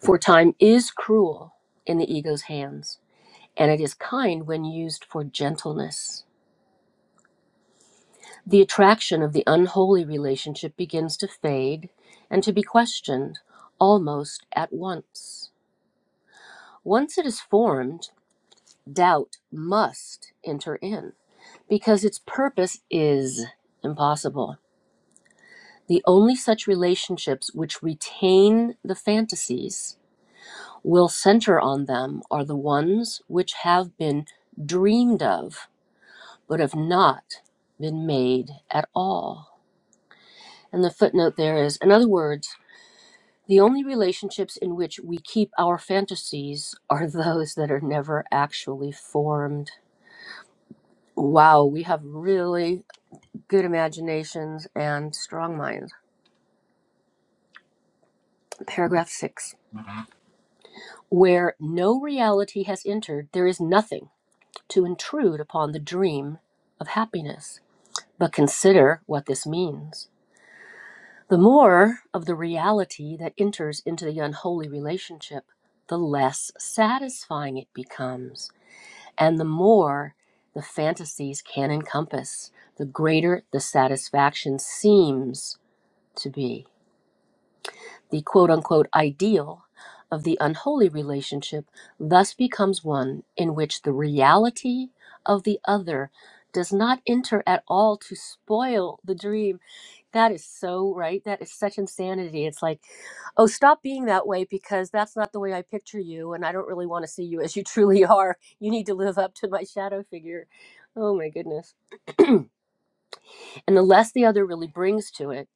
S1: For time is cruel in the ego's hands, and it is kind when used for gentleness. The attraction of the unholy relationship begins to fade and to be questioned almost at once. Once it is formed, doubt must enter in because its purpose is impossible. The only such relationships which retain the fantasies will center on them are the ones which have been dreamed of, but have not been made at all. And the footnote there is, in other words, the only relationships in which we keep our fantasies are those that are never actually formed. Wow, we have really good imaginations and strong minds. Paragraph six. Where no reality has entered, there is nothing to intrude upon the dream of happiness. But consider what this means. The more of the reality that enters into the unholy relationship, the less satisfying it becomes, and the more the fantasies can encompass, the greater the satisfaction seems to be. The quote unquote ideal of the unholy relationship thus becomes one in which the reality of the other does not enter at all to spoil the dream That is so right. That is such insanity. It's like, oh, stop being that way because that's not the way I picture you, and I don't really want to see you as you truly are. You need to live up to my shadow figure. Oh my goodness. And the less the other really brings to it,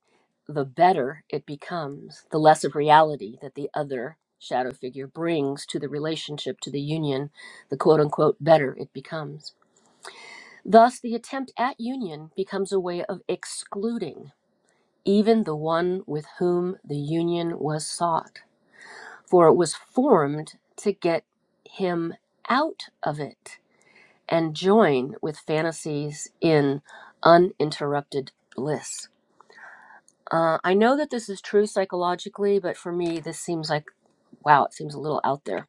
S1: the better it becomes, the less of reality that the other shadow figure brings to the relationship, to the union, the quote unquote better it becomes. Thus, the attempt at union becomes a way of excluding even the one with whom the union was sought. For it was formed to get him out of it and join with fantasies in uninterrupted bliss. Uh, I know that this is true psychologically, but for me, this seems like, wow, it seems a little out there.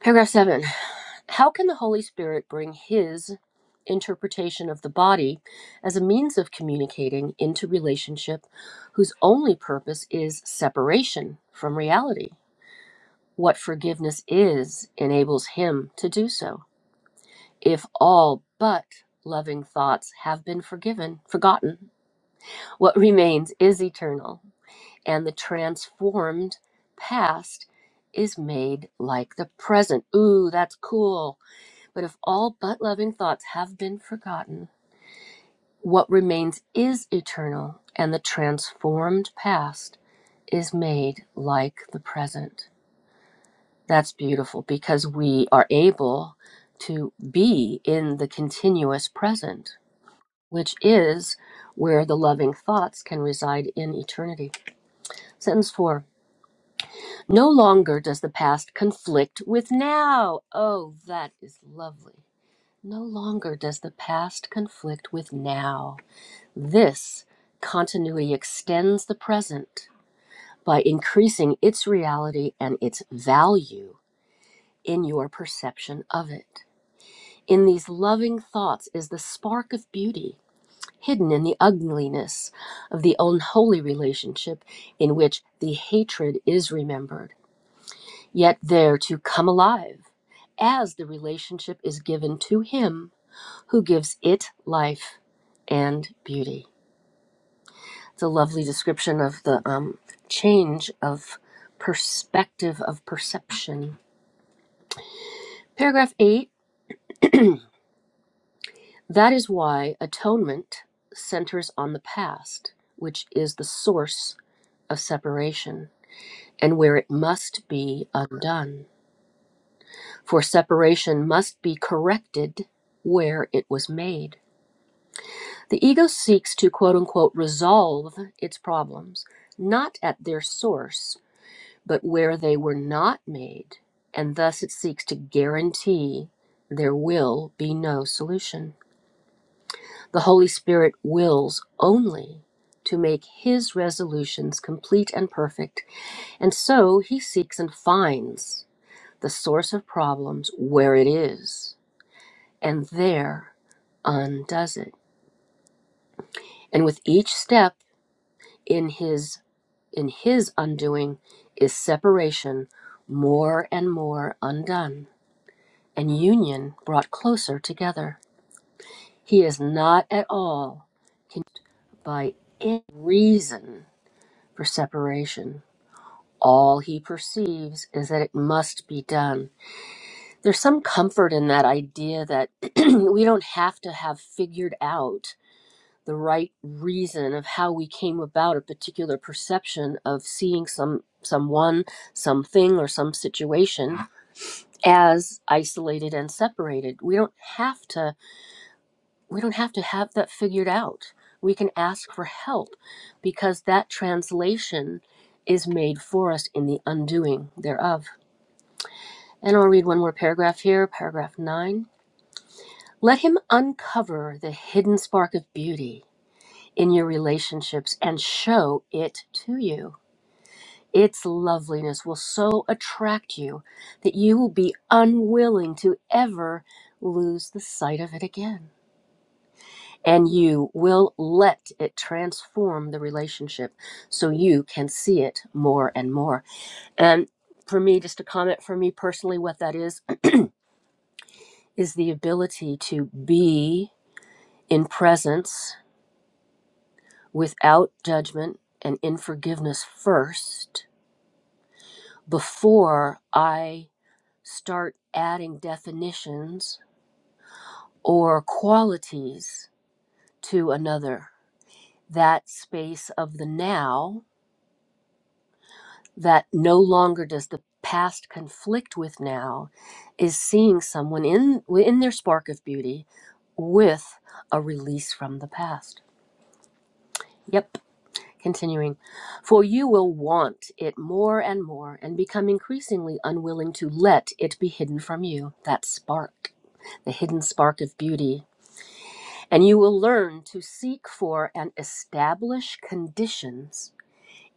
S1: Paragraph 7. How can the Holy Spirit bring his interpretation of the body as a means of communicating into relationship whose only purpose is separation from reality? What forgiveness is enables him to do so. If all but loving thoughts have been forgiven, forgotten, what remains is eternal, and the transformed past is made like the present. Ooh, that's cool. But if all but loving thoughts have been forgotten, what remains is eternal, and the transformed past is made like the present. That's beautiful because we are able to be in the continuous present, which is where the loving thoughts can reside in eternity. Sentence four No longer does the past conflict with now. Oh, that is lovely. No longer does the past conflict with now. This continuity extends the present by increasing its reality and its value in your perception of it. In these loving thoughts is the spark of beauty hidden in the ugliness of the unholy relationship in which the hatred is remembered, yet there to come alive as the relationship is given to him who gives it life and beauty. It's a lovely description of the um, change of perspective of perception. Paragraph eight that is why atonement centers on the past, which is the source of separation and where it must be undone. For separation must be corrected where it was made. The ego seeks to quote unquote resolve its problems, not at their source but where they were not made, and thus it seeks to guarantee there will be no solution. The Holy Spirit wills only to make his resolutions complete and perfect, and so he seeks and finds the source of problems where it is, and there undoes it. And with each step in his in his undoing is separation more and more undone and union brought closer together. He is not at all con- by any reason for separation. All he perceives is that it must be done. There's some comfort in that idea that we don't have to have figured out the right reason of how we came about a particular perception of seeing some someone, something or some situation as isolated and separated. We don't have to we don't have to have that figured out. We can ask for help because that translation is made for us in the undoing thereof. And I'll read one more paragraph here, paragraph nine. Let him uncover the hidden spark of beauty in your relationships and show it to you. Its loveliness will so attract you that you will be unwilling to ever lose the sight of it again. and you will let it transform the relationship so you can see it more and more. And for me, just a comment for me personally, what that is, is the ability to be in presence without judgment and in forgiveness first before I start adding definitions or qualities to another. That space of the now that no longer does the past conflict with now is seeing someone in in their spark of beauty with a release from the past yep continuing for you will want it more and more and become increasingly unwilling to let it be hidden from you that spark the hidden spark of beauty and you will learn to seek for and establish conditions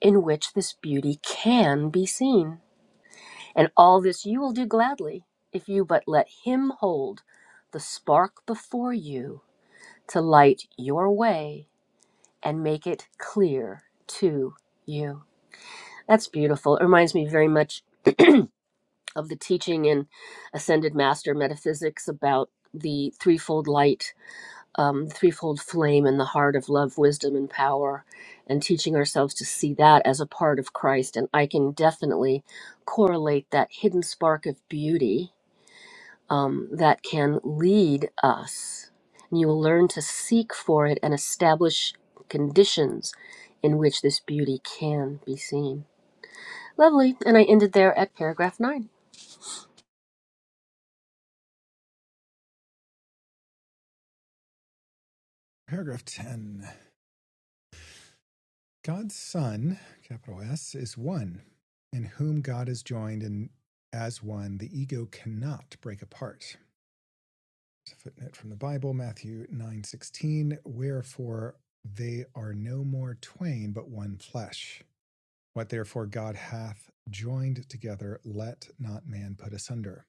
S1: in which this beauty can be seen And all this you will do gladly if you but let Him hold the spark before you to light your way and make it clear to you. That's beautiful. It reminds me very much of the teaching in Ascended Master Metaphysics about the threefold light, um, threefold flame in the heart of love, wisdom, and power, and teaching ourselves to see that as a part of Christ. And I can definitely correlate that hidden spark of beauty um, that can lead us. And you will learn to seek for it and establish conditions in which this beauty can be seen. Lovely. And I ended there at paragraph nine.
S2: Paragraph 10 God's Son, capital S, is one, in whom God is joined, and as one, the ego cannot break apart. It's a footnote from the Bible, Matthew 9:16, wherefore they are no more twain but one flesh. What therefore God hath joined together, let not man put asunder.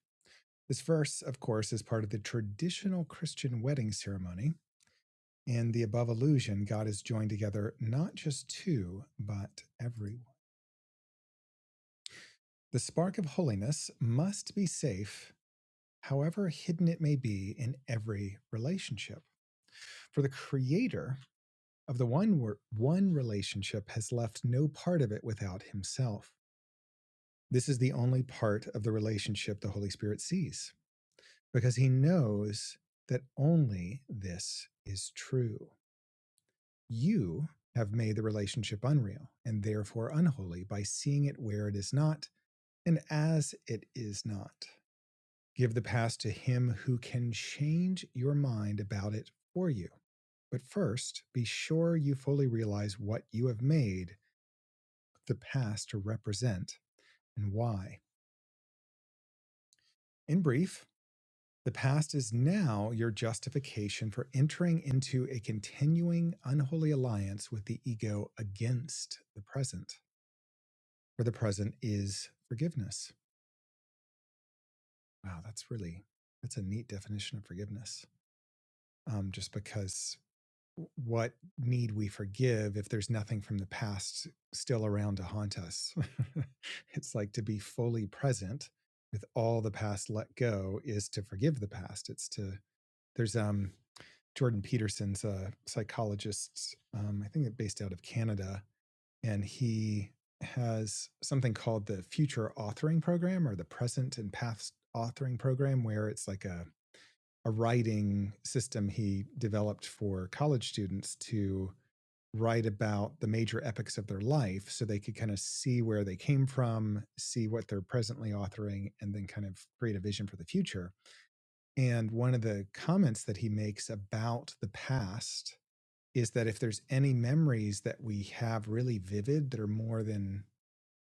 S2: This verse, of course, is part of the traditional Christian wedding ceremony. In the above allusion, God has joined together not just two, but everyone. The spark of holiness must be safe, however hidden it may be, in every relationship. For the Creator, Of the one wor- one relationship has left no part of it without himself. This is the only part of the relationship the Holy Spirit sees because he knows that only this is true. You have made the relationship unreal and therefore unholy by seeing it where it is not and as it is not. Give the past to him who can change your mind about it for you. But first, be sure you fully realize what you have made the past to represent and why. In brief, the past is now your justification for entering into a continuing unholy alliance with the ego against the present, where the present is forgiveness. Wow, that's really that's a neat definition of forgiveness. Um, just because what need we forgive if there's nothing from the past still around to haunt us? it's like to be fully present with all the past let go is to forgive the past. It's to there's um Jordan Peterson's a psychologist, um, I think based out of Canada, and he has something called the future authoring program or the present and past authoring program, where it's like a a writing system he developed for college students to write about the major epics of their life so they could kind of see where they came from, see what they're presently authoring, and then kind of create a vision for the future. And one of the comments that he makes about the past is that if there's any memories that we have really vivid that are more than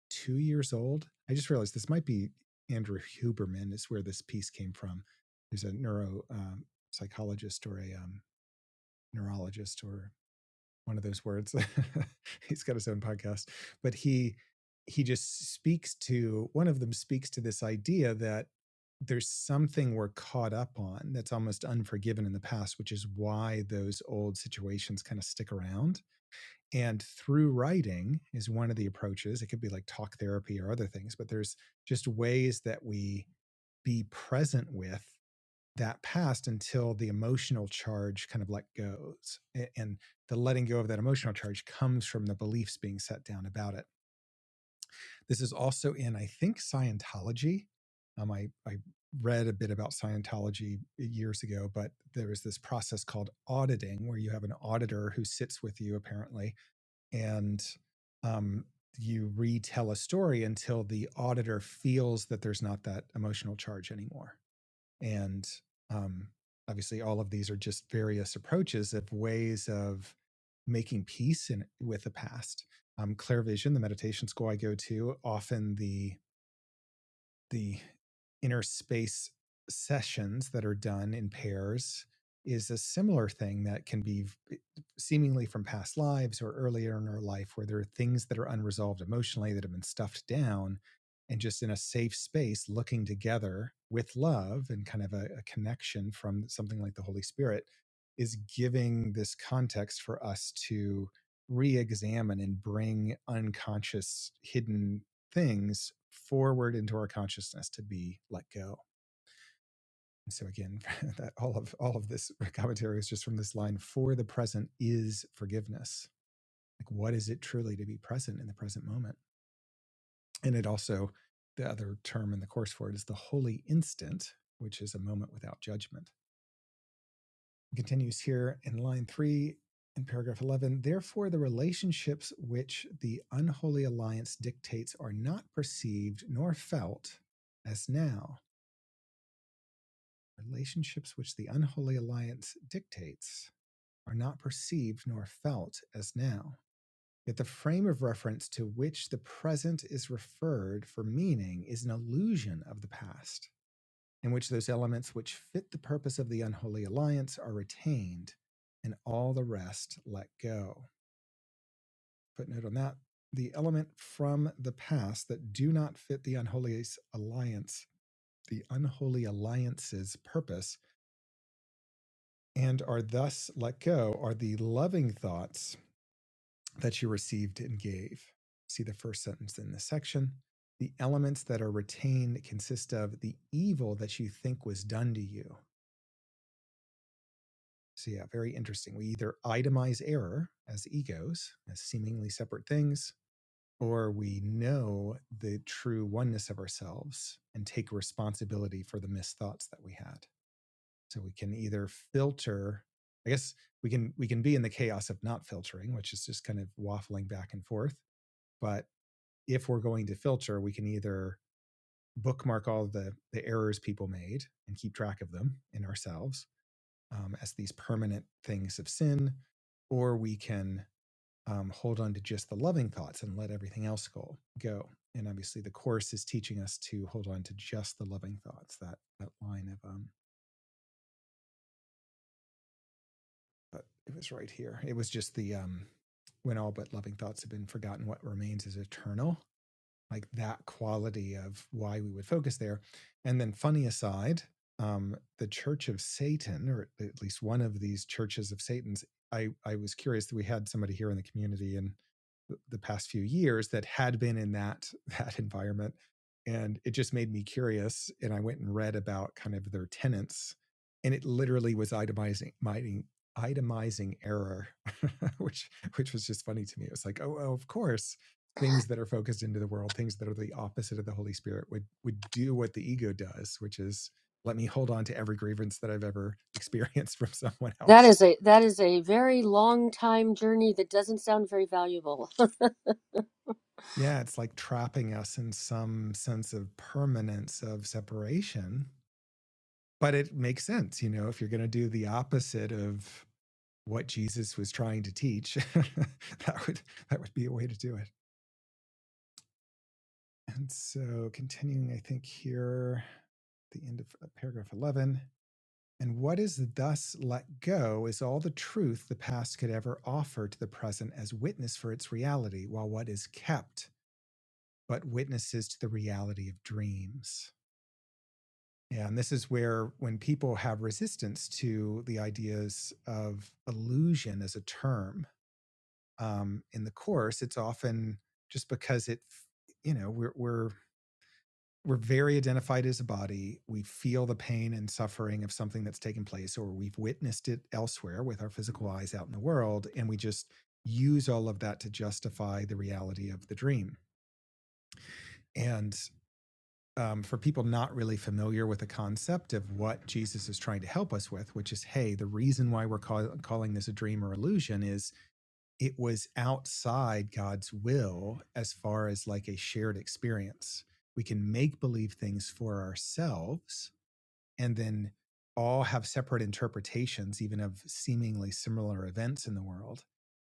S2: two years old, I just realized this might be Andrew Huberman, is where this piece came from. There's a neuropsychologist um, or a um, neurologist or one of those words. He's got his own podcast, but he he just speaks to one of them speaks to this idea that there's something we're caught up on that's almost unforgiven in the past, which is why those old situations kind of stick around. And through writing is one of the approaches. It could be like talk therapy or other things, but there's just ways that we be present with that past until the emotional charge kind of let goes. And the letting go of that emotional charge comes from the beliefs being set down about it. This is also in, I think, Scientology. Um, I, I read a bit about Scientology years ago, but there is this process called auditing where you have an auditor who sits with you apparently and um, you retell a story until the auditor feels that there's not that emotional charge anymore. And um, obviously, all of these are just various approaches of ways of making peace in, with the past. Um, Clairvision, the meditation school I go to, often the the inner space sessions that are done in pairs is a similar thing that can be seemingly from past lives or earlier in our life where there are things that are unresolved emotionally that have been stuffed down and just in a safe space looking together with love and kind of a, a connection from something like the holy spirit is giving this context for us to re-examine and bring unconscious hidden things forward into our consciousness to be let go. And so again, that all of all of this commentary is just from this line: "For the present is forgiveness." Like, what is it truly to be present in the present moment? And it also, the other term in the course for it is the holy instant, which is a moment without judgment. It continues here in line three in paragraph 11 therefore the relationships which the unholy alliance dictates are not perceived nor felt as now Relationships which the unholy alliance dictates are not perceived nor felt as now. Yet the frame of reference to which the present is referred for meaning is an illusion of the past, in which those elements which fit the purpose of the unholy alliance are retained and all the rest let go. Footnote on that the element from the past that do not fit the unholy alliance, the unholy alliance's purpose and are thus let go are the loving thoughts that you received and gave. See the first sentence in this section. The elements that are retained consist of the evil that you think was done to you. So, yeah, very interesting. We either itemize error as egos, as seemingly separate things, or we know the true oneness of ourselves and take responsibility for the misthoughts that we had. So we can either filter, I guess we can we can be in the chaos of not filtering, which is just kind of waffling back and forth. But if we're going to filter, we can either bookmark all the the errors people made and keep track of them in ourselves um, as these permanent things of sin, or we can um, hold on to just the loving thoughts and let everything else go go. And obviously, the course is teaching us to hold on to just the loving thoughts. That that line of um, but it was right here. It was just the um, when all but loving thoughts have been forgotten, what remains is eternal like that quality of why we would focus there. And then, funny aside, um, the Church of Satan, or at least one of these churches of Satan's, I, I was curious that we had somebody here in the community in the past few years that had been in that that environment, and it just made me curious. And I went and read about kind of their tenets, and it literally was itemizing, itemizing error, which which was just funny to me. It was like, oh, oh of course, things that are focused into the world, things that are the opposite of the Holy Spirit would would do what the ego does, which is let me hold on to every grievance that I've ever experienced from someone
S1: That
S2: else.
S1: is a that is a very long time journey that doesn't sound very valuable.
S2: Yeah, it's like trapping us in some sense of permanence of separation. But it makes sense, you know, if you're going to do the opposite of what Jesus was trying to teach, that would that would be a way to do it. And so continuing, I think here, the end of uh, paragraph 11. And what is thus let go is all the truth the past could ever offer to the present as witness for its reality, while what is kept but witnesses to the reality of dreams. Yeah, And this is where, when people have resistance to the ideas of illusion as a term um, in the course, it's often just because it, you know, we're, we're we're very identified as a body. We feel the pain and suffering of something that's taken place, or we've witnessed it elsewhere with our physical eyes out in the world. And we just use all of that to justify the reality of the dream. And um, for people not really familiar with the concept of what Jesus is trying to help us with, which is, hey, the reason why we're call- calling this a dream or illusion is it was outside God's will as far as like a shared experience. We can make believe things for ourselves and then all have separate interpretations, even of seemingly similar events in the world.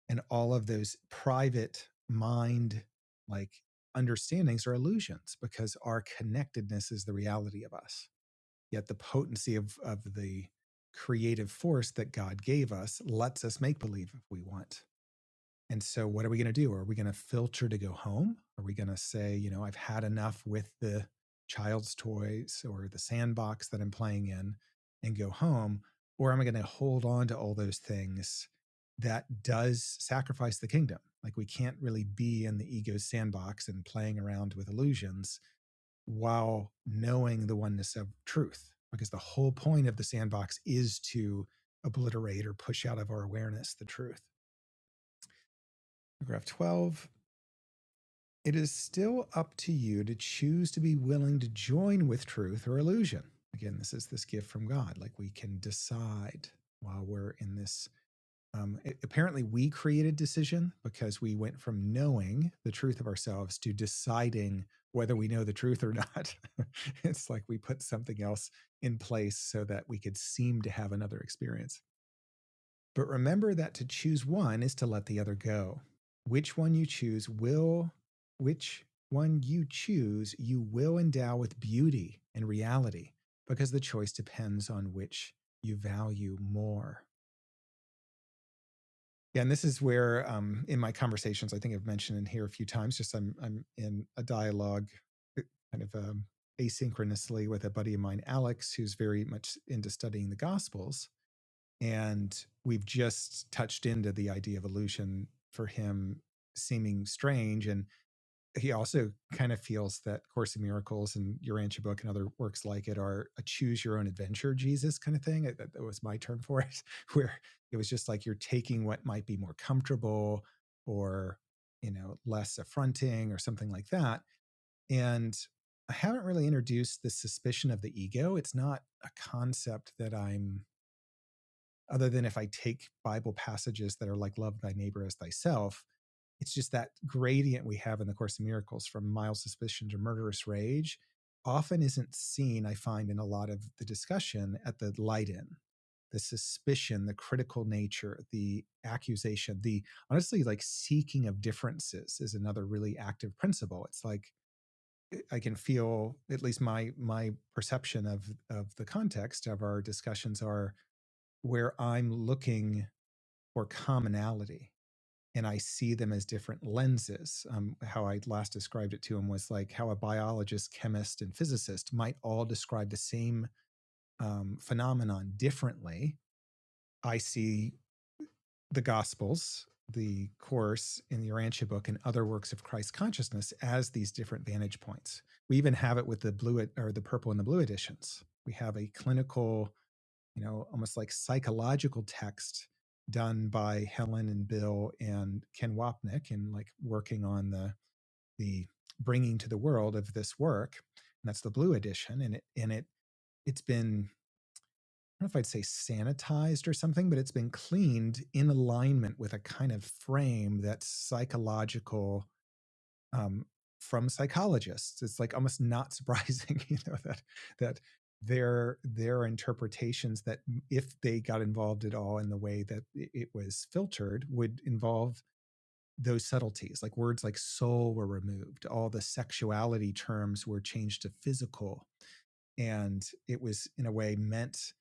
S2: And all of those private mind like understandings are illusions because our connectedness is the reality of us. Yet the potency of, of the creative force that God gave us lets us make believe if we want. And so, what are we going to do? Are we going to filter to go home? Are we going to say, you know, I've had enough with the child's toys or the sandbox that I'm playing in and go home? Or am I going to hold on to all those things that does sacrifice the kingdom? Like, we can't really be in the ego's sandbox and playing around with illusions while knowing the oneness of truth. Because the whole point of the sandbox is to obliterate or push out of our awareness the truth. Paragraph 12 It is still up to you to choose to be willing to join with truth or illusion. Again, this is this gift from God. Like we can decide while we're in this. Um, a- apparently, we created decision because we went from knowing the truth of ourselves to deciding whether we know the truth or not. it's like we put something else in place so that we could seem to have another experience. But remember that to choose one is to let the other go. Which one you choose will, which one you choose, you will endow with beauty and reality because the choice depends on which you value more. Yeah, and this is where um, in my conversations, I think I've mentioned in here a few times, just I'm, I'm in a dialogue eh, kind of um, asynchronously with a buddy of mine, Alex, who's very much into studying the Gospels. And we've just touched into the idea of illusion for him seeming strange. And he also kind of feels that Course in Miracles and your Urantia book and other works like it are a choose your own adventure Jesus kind of thing. that was my term for it, where it was just like you're taking what might be more comfortable or, you know, less affronting or something like that. And I haven't really introduced the suspicion of the ego. It's not a concept that I'm other than if I take Bible passages that are like love thy neighbor as thyself. It's just that gradient we have in the Course of Miracles from mild suspicion to murderous rage often isn't seen, I find, in a lot of the discussion at the light in the suspicion, the critical nature, the accusation, the honestly like seeking of differences is another really active principle. It's like eh, I can feel at least my my perception of of the context of our discussions are where I'm looking or commonality and i see them as different lenses um, how i last described it to him was like how a biologist chemist and physicist might all describe the same um, phenomenon differently i see the gospels the course in the Urantia book and other works of christ consciousness as these different vantage points we even have it with the blue or the purple and the blue editions we have a clinical you know, almost like psychological text done by Helen and Bill and Ken Wapnick and like working on the the bringing to the world of this work. And that's the blue edition. And it and it it's been I don't know if I'd say sanitized or something, but it's been cleaned in alignment with a kind of frame that's psychological um, from psychologists. It's like almost not surprising, you know, that that their their interpretations that if they got involved at all in the way that it was filtered would involve those subtleties like words like soul were removed all the sexuality terms were changed to physical and it was in a way meant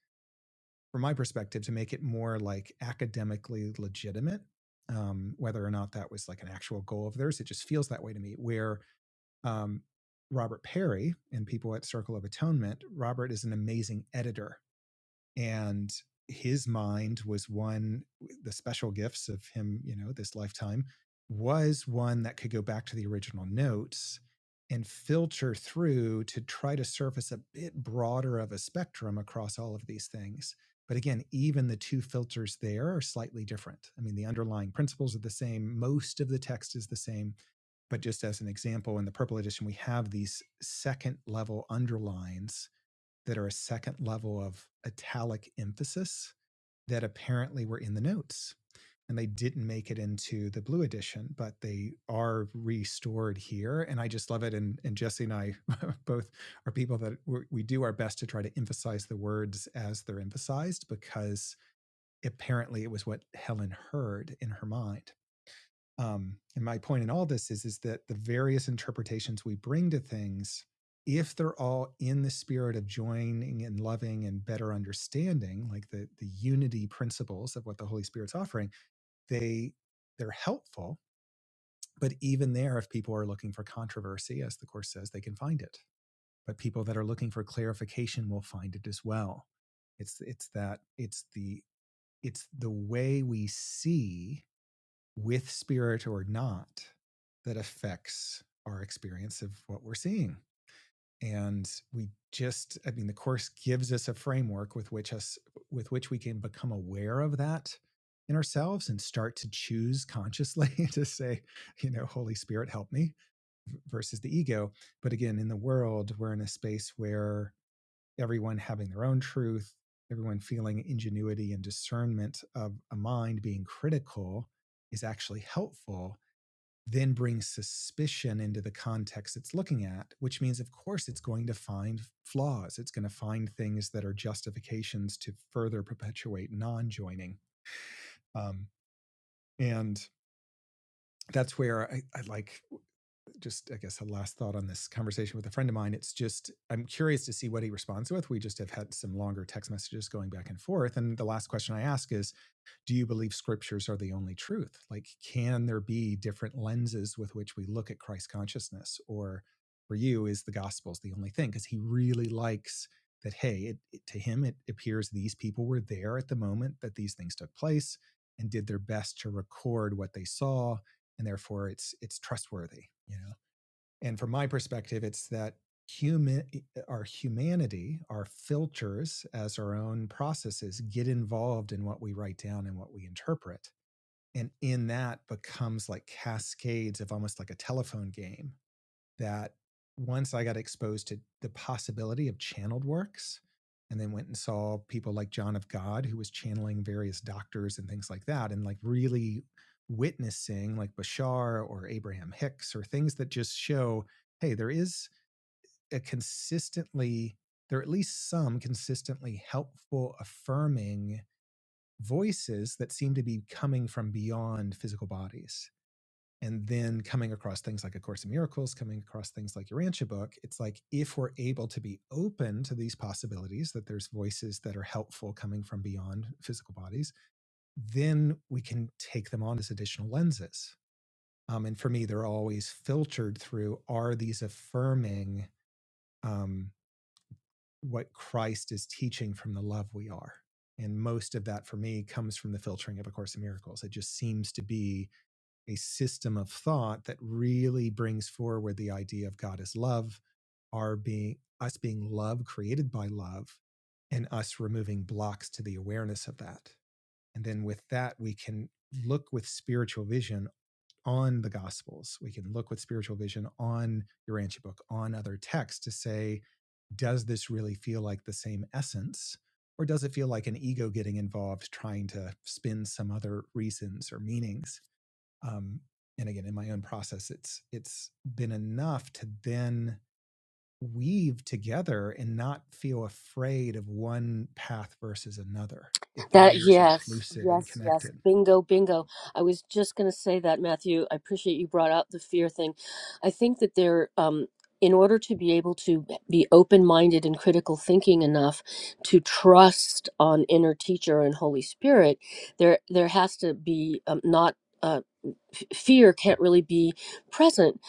S2: from my perspective to make it more like academically legitimate um, whether or not that was like an actual goal of theirs it just feels that way to me where um, Robert Perry and people at Circle of Atonement, Robert is an amazing editor. And his mind was one, the special gifts of him, you know, this lifetime was one that could go back to the original notes and filter through to try to surface a bit broader of a spectrum across all of these things. But again, even the two filters there are slightly different. I mean, the underlying principles are the same, most of the text is the same, but just as an example, in the purple edition, we have these second level underlines that are a second level of italic emphasis that apparently were in the notes. And they didn't make it into the blue edition, but they are restored here. And I just love it. And, and Jesse and I both are people that we do our best to try to emphasize the words as they're emphasized because apparently it was what Helen heard in her mind. Um, and my point in all this is, is that the various interpretations we bring to things, if they're all in the spirit of joining and loving and better understanding, like the the unity principles of what the Holy Spirit's offering, they they're helpful. But even there, if people are looking for controversy, as the course says, they can find it. But people that are looking for clarification will find it as well. It's it's that it's the it's the way we see with spirit or not, that affects our experience of what we're seeing. And we just, I mean, the course gives us a framework with which us with which we can become aware of that in ourselves and start to choose consciously to say, you know, Holy Spirit, help me versus the ego. But again, in the world, we're in a space where everyone having their own truth, everyone feeling ingenuity and discernment of a mind being critical is actually helpful then brings suspicion into the context it's looking at, which means, of course, it's going to find flaws. It's going to find things that are justifications to further perpetuate non joining. Um, and that's where I, I like just, I guess, a last thought on this conversation with a friend of mine. It's just, I'm curious to see what he responds with. We just have had some longer text messages going back and forth. And the last question I ask is, do you believe scriptures are the only truth? Like, can there be different lenses with which we look at Christ consciousness? Or for you, is the gospels the only thing? Because he really likes that, hey, it, it- to him, it appears these people were there at the moment that these things took place and did their best to record what they saw. And therefore, it's it's trustworthy. You know, and from my perspective, it's that human e, e, our humanity, our filters as our own processes get involved in what we write down and what we interpret. And in that becomes like cascades of almost like a telephone game that once I got exposed to the possibility of channeled works, and then went and saw people like John of God, who was channeling various doctors and things like that, and like really witnessing like Bashar or Abraham Hicks or things that just show, hey, there is a consistently, there are at least some consistently helpful, affirming voices that seem to be coming from beyond physical bodies and then coming across things like a course in miracles coming across things like your rancha book it's like if we're able to be open to these possibilities that there's voices that are helpful coming from beyond physical bodies then we can take them on as additional lenses um, and for me they're always filtered through are these affirming um, what christ is teaching from the love we are and most of that for me comes from the filtering of a course in miracles it just seems to be a system of thought that really brings forward the idea of God as love, our being us being love created by love, and us removing blocks to the awareness of that. And then with that, we can look with spiritual vision on the gospels. We can look with spiritual vision on your Urantia book, on other texts to say, does this really feel like the same essence? Or does it feel like an ego getting involved trying to spin some other reasons or meanings? um, and again in my own process it's it's been enough to then weave together and not feel afraid of one path versus another it
S1: That
S2: very is
S1: yes,
S2: inclusive and
S1: yes, yes.
S2: connected
S1: Bingo, bingo. I was just going to say that, Matthew. I appreciate you brought up the fear thing. I think that there, um, in order to be able to be open-minded and critical thinking enough to trust on inner teacher and Holy Spirit, there there has to be um, not. Uh, f- fear can't really be present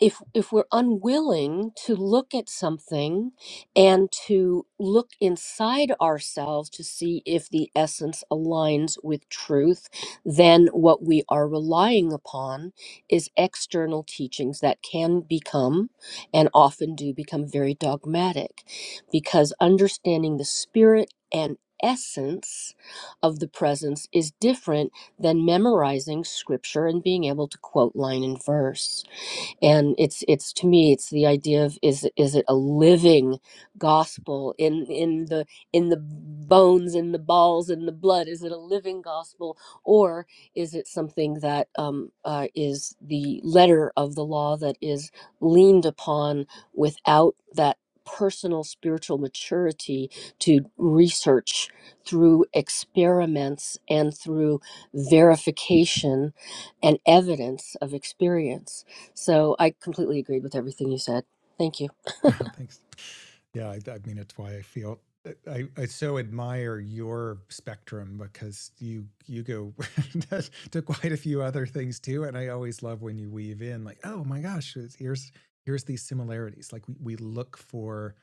S1: if if we're unwilling to look at something and to look inside ourselves to see if the essence aligns with truth then what we are relying upon is external teachings that can become and often do become very dogmatic because understanding the spirit and essence of the presence is different than memorizing scripture and being able to quote line and verse and it's it's to me it's the idea of is is it a living gospel in in the in the bones in the balls in the blood is it a living gospel or is it something that um, uh, is the letter of the law that is leaned upon without that personal spiritual maturity to research through experiments and through verification and evidence of experience so I completely agreed with everything you said. Thank you.
S2: thanks yeah, I, I mean, it's why I feel I, I so admire your spectrum because you you go to quite a few other things too, and I always love when you weave in like, oh my gosh, here's here's these similarities. Like we, we look for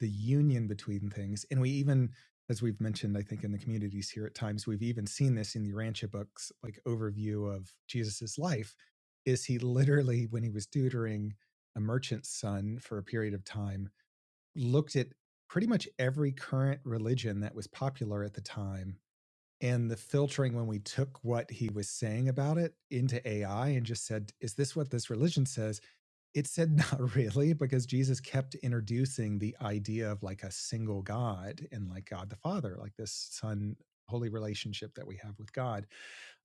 S2: the union between things, and we even as we've mentioned, I think in the communities here at times, we've even seen this in the Rancha books, like overview of Jesus's life. Is he literally when he was tutoring a merchant's son for a period of time? looked at pretty much every current religion that was popular at the time and the filtering when we took what he was saying about it into AI and just said, is this what this religion says? It said, not really, because Jesus kept introducing the idea of like a single God and like God the Father, like this Son holy relationship that we have with God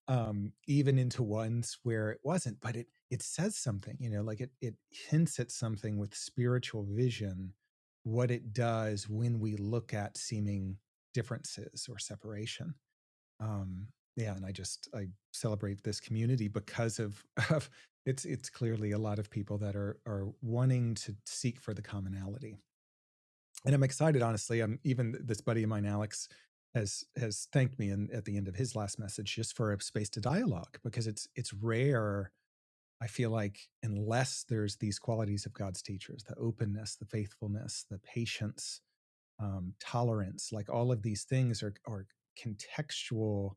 S2: um, even into ones where it wasn't, but it it says something, you know, like it it hints at something with spiritual vision, what it does when we look at seeming differences or separation. Um, yeah, and I just I celebrate this community because of of it's it's clearly a lot of people that are are wanting to seek for the commonality and I'm excited, honestly. I'm even this buddy of mine, Alex, has has thanked me and at the end of his last message just for a space to dialogue because it's it's rare. I feel like unless there's these qualities of God's teachers, the openness, the faithfulness, the patience, um, tolerance, like all of these things are are contextual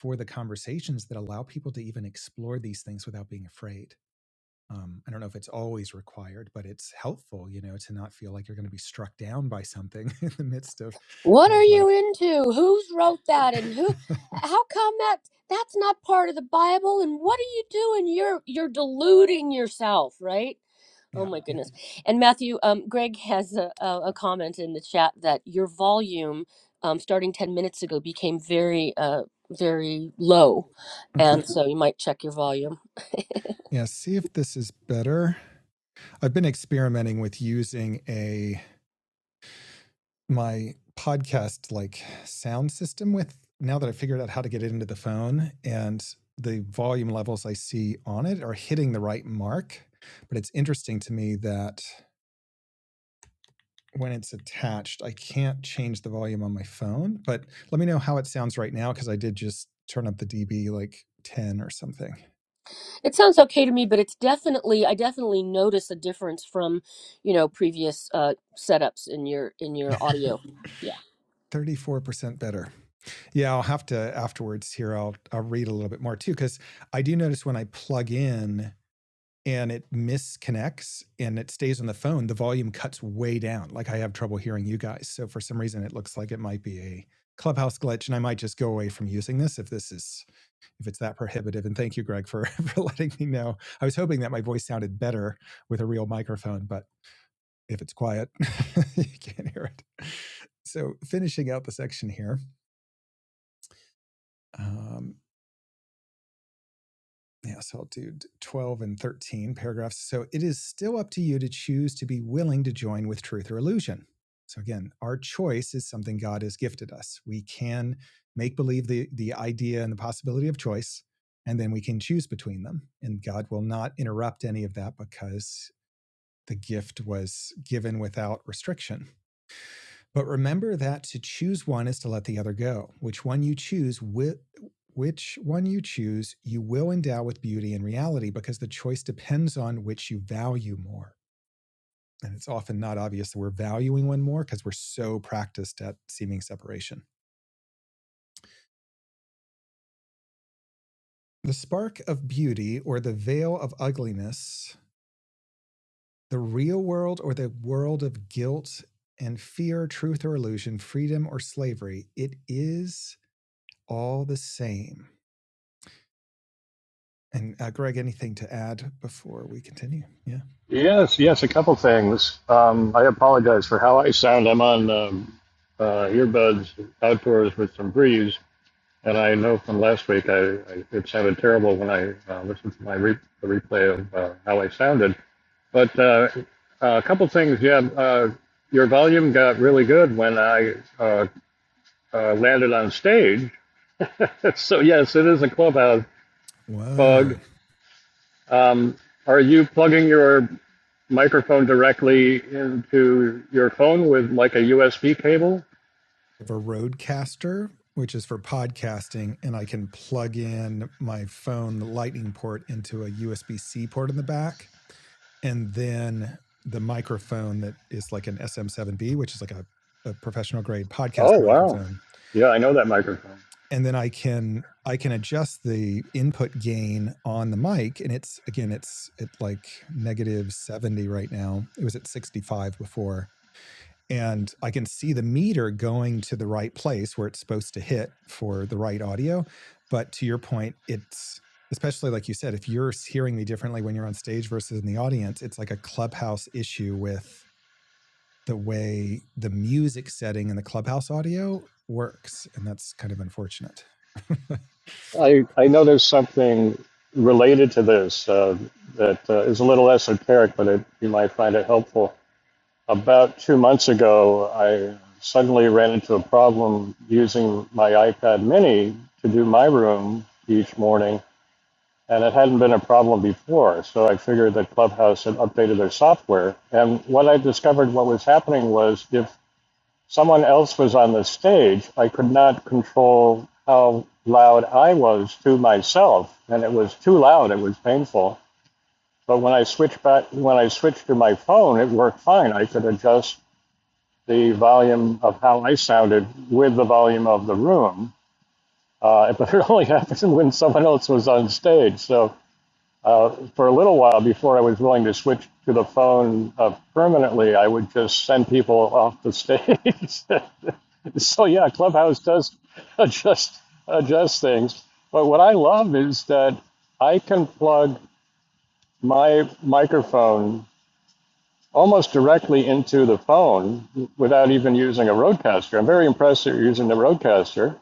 S2: for the conversations that allow people to even explore these things without being afraid um, I don't know if it's always required, but it's helpful, you know, to not feel like you're going to be struck down by something in the midst of,
S1: What are
S2: of
S1: you
S2: like,
S1: into? Who's wrote that and who how come that that's not part of the Bible and what are you doing? You're you're deluding yourself, right? Oh
S2: yeah,
S1: my
S2: yeah.
S1: goodness. And Matthew, um, Greg has a, a, a comment in the chat that your volume um, starting 10 minutes ago became very, uh, very low. And
S2: Okay.
S1: Mhm. so you might check your volume.
S2: Yeah. See if this is better. I've been experimenting with using a, my podcast like sound system with now that I figured out how to get it into the phone and the volume levels I see on it are hitting the right mark. But it's interesting to me that when it's attached. I can't change the volume on my phone, but let me know how it sounds right now because I did just turn up the dB like 10 or something.
S1: It sounds okay to me, but it's definitely, I definitely notice a difference from, you know, previous uh, setups in your, in your audio.
S2: 34% better. Yeah, I'll have to afterwards here I'll I'll read a little bit more too cuz I do notice when I plug in and it misconnects and it stays on the phone, the volume cuts way down. Like I have trouble hearing you guys. So for some reason it looks like it might be a Clubhouse glitch and I might just go away from using this if this is if it's that prohibitive. And thank you, Greg, for, for letting me know. I was hoping that my voice sounded better with a real microphone, but if it's quiet, you can't hear it. So, finishing out the section here, um, Yeah, so I'll do 12 and 13 paragraphs. So it is still up to you to choose to be willing to join with truth or illusion. So again, our choice is something God has gifted us. We can make believe the, the idea and the possibility of choice, and then we can choose between them. And God will not interrupt any of that because the gift was given without restriction. But remember that to choose one is to let the other go. Which one you choose, wi- which one you choose, you will endow with beauty and reality because the choice depends on which you value more. And it's often not obvious that we're valuing one more because we're so practiced at seeming separation. The spark of beauty or the veil of ugliness, the real world or the world of guilt and fear, truth or illusion, freedom or slavery, it is all the same. And uh, Greg, anything to add before we continue? Yeah.
S3: Yes, yes, a couple things. Um, I apologize for how I sound. I'm on um, uh, earbuds outdoors with some breeze, and I know from last week I, I it sounded terrible when I uh, listened to my re- the replay of uh, how I sounded. But uh, a couple things, yeah. Uh, your volume got really good when I uh, uh, landed on stage. so yes, it is a clubhouse bug.
S2: Whoa.
S3: Um, are you plugging your microphone directly into your phone with like a USB cable.
S2: I have a Roadcaster, which is for podcasting, and I can plug in my phone lightning port into a USB C port in the back. And then the microphone that is like an SM7B, which is like a, a professional grade podcast
S3: Oh wow.
S2: microphone.
S3: Yeah, I know that microphone.
S2: And then I can I can adjust the input gain on the mic, and it's again it's at like negative seventy right now. It was at sixty five before, and I can see the meter going to the right place where it's supposed to hit for the right audio. But to your point, it's especially like you said, if you're hearing me differently when you're on stage versus in the audience, it's like a clubhouse issue with the way the music setting and the clubhouse audio works. And that's kind of unfortunate.
S3: I, I know there's something related to this uh, that uh, is a little esoteric, but it, you might find it helpful. About two months ago, I suddenly ran into a problem using my iPad mini to do my room each morning and it hadn't been a problem before. So I figured that Clubhouse had updated their software. And what I discovered what was happening was if someone else was on the stage, I could not control how loud I was to myself, and it was too loud. It was painful. But when I switched back, when I switched to my phone, it worked fine. I could adjust the volume of how I sounded with the volume of the room. Uh, but it only happened when someone else was on stage. So uh, for a little while before I was willing to switch to the phone uh, permanently, I would just send people off the stage. so yeah, Clubhouse does adjust adjust things. But what I love is that I can plug my microphone almost directly into the phone without even using a roadcaster. I'm very impressed that you're using the roadcaster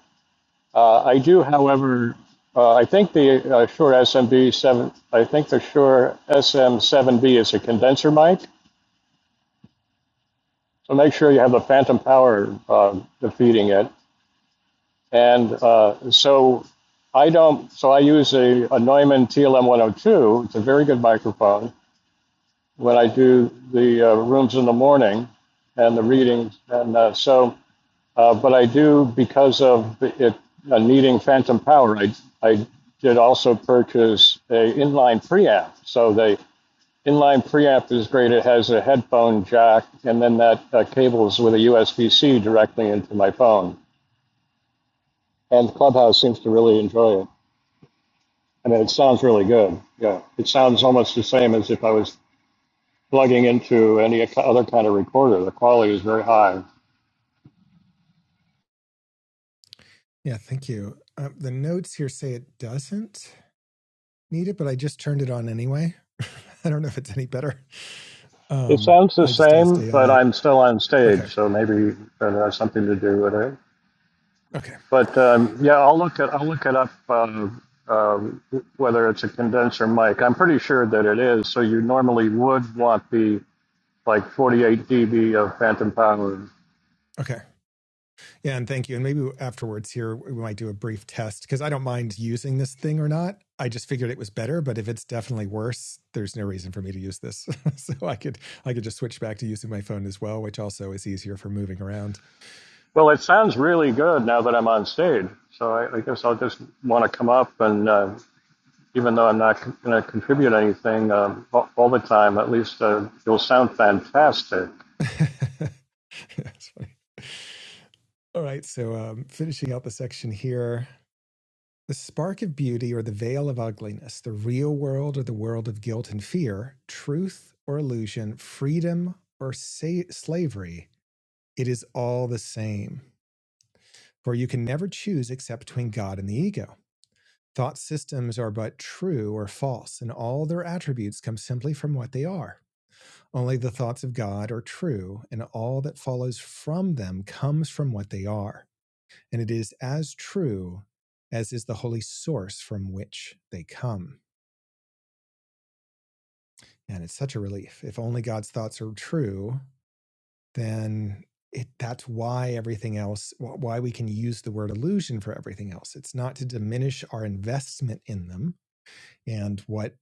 S3: uh, I do, however, uh, I think the uh, Shure SMB seven, I think the Shure SM seven B is a condenser mic. So make sure you have the phantom power uh, defeating it. And uh, so I don't. So I use a, a Neumann TLM one hundred two. It's a very good microphone when I do the uh, rooms in the morning and the readings. And uh, so Uh, but I do, because of it uh, needing phantom power, I, I did also purchase a inline preamp. So the inline preamp is great. It has a headphone jack, and then that uh, cables with a USB-C directly into my phone. And Clubhouse seems to really enjoy it. I mean, it sounds really good. Yeah, it sounds almost the same as if I was plugging into any other kind of recorder. The quality is very high.
S2: yeah, thank you. Um, the notes here say it doesn't. need it, but I just turned it on anyway. I don't know if it's any better.
S3: It
S2: Um,
S3: sounds the
S2: I just asked
S3: same, but
S2: AI.
S3: I'm still on stage,
S2: Okay.
S3: so maybe that has something to do with it.
S2: Okay.
S3: But um, yeah, I'll look at I'll look it up um, um, whether it's a condenser mic. I'm pretty sure that it is. So you normally would want the like 48 dB of phantom power.
S2: Okay. Yeah. And thank you. And maybe afterwards here, we might do a brief test because I don't mind using this thing or not. I just figured it was better, but if it's definitely worse, there's no reason for me to use this. so I could, I could just switch back to using my phone as well, which also is easier for moving around.
S3: Well, it sounds really good now that I'm on stage. So I, I guess I'll just want to come up and uh, even though I'm not going to contribute anything um, all all the time, at least uh, you'll sound fantastic.
S2: That's funny. All right. So, um, finishing out the section here the spark of beauty or the veil of ugliness, the real world or the world of guilt and fear, truth or illusion, freedom or sa- slavery, it is all the same. For you can never choose except between God and the ego. Thought systems are but true or false, and all their attributes come simply from what they are. Only the thoughts of God are true, and all that follows from them comes from what they are. and it is as true as is the holy source from which they come. And it's such a relief. If only God's thoughts are true, then it, that's why everything else, why we can use the word illusion for everything else. It's not to diminish our investment in them and what,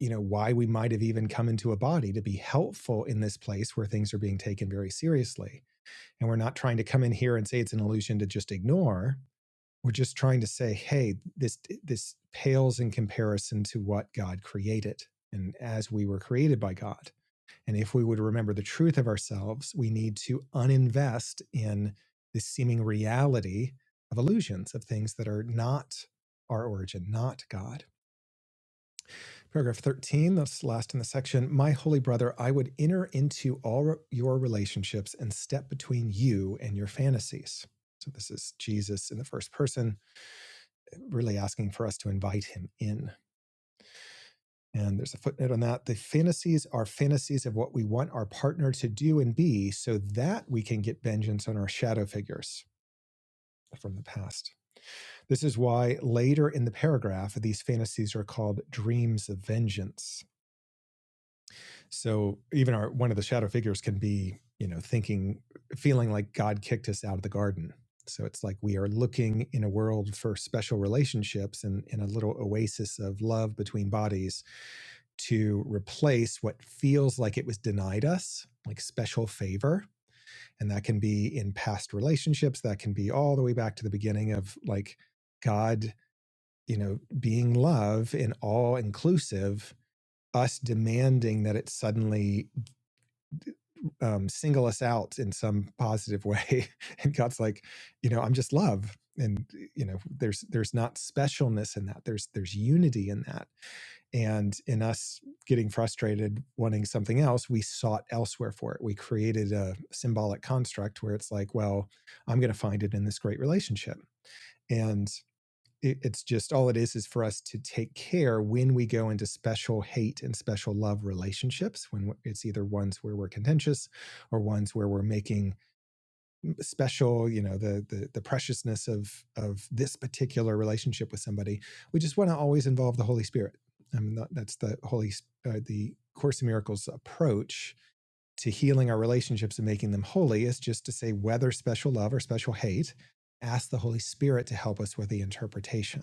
S2: you know, why we might have even come into a body to be helpful in this place where things are being taken very seriously. And we're not trying to come in here and say it's an illusion to just ignore we're just trying to say hey this this pales in comparison to what god created and as we were created by god and if we would remember the truth of ourselves we need to uninvest in the seeming reality of illusions of things that are not our origin not god paragraph 13 that's last in the section my holy brother i would enter into all your relationships and step between you and your fantasies so this is jesus in the first person really asking for us to invite him in. And there's a footnote on that. The fantasies are fantasies of what we want our partner to do and be so that we can get vengeance on our shadow figures from the past. This is why later in the paragraph, these fantasies are called dreams of vengeance. So even our one of the shadow figures can be, you know, thinking, feeling like God kicked us out of the garden. So it's like we are looking in a world for special relationships and in a little oasis of love between bodies to replace what feels like it was denied us, like special favor. And that can be in past relationships, that can be all the way back to the beginning of like God, you know, being love and all inclusive, us demanding that it suddenly um, single us out in some positive way. and God's like, you know, I'm just love. And you know, there's there's not specialness in that. There's there's unity in that And in us getting frustrated, wanting something else, we sought elsewhere for it. We created a symbolic construct where it's like, well, I'm going to find it in this great relationship. And it, it's just all it is is for us to take care when we go into special hate and special love relationships, when it's either ones where we're contentious or ones where we're making special, you know, the the, the preciousness of of this particular relationship with somebody. We just want to always involve the Holy Spirit. I mean, that- that's the Holy uh, the Course in Miracles approach to healing our relationships and making them holy is just to say whether special love or special hate, ask the Holy Spirit to help us with the interpretation.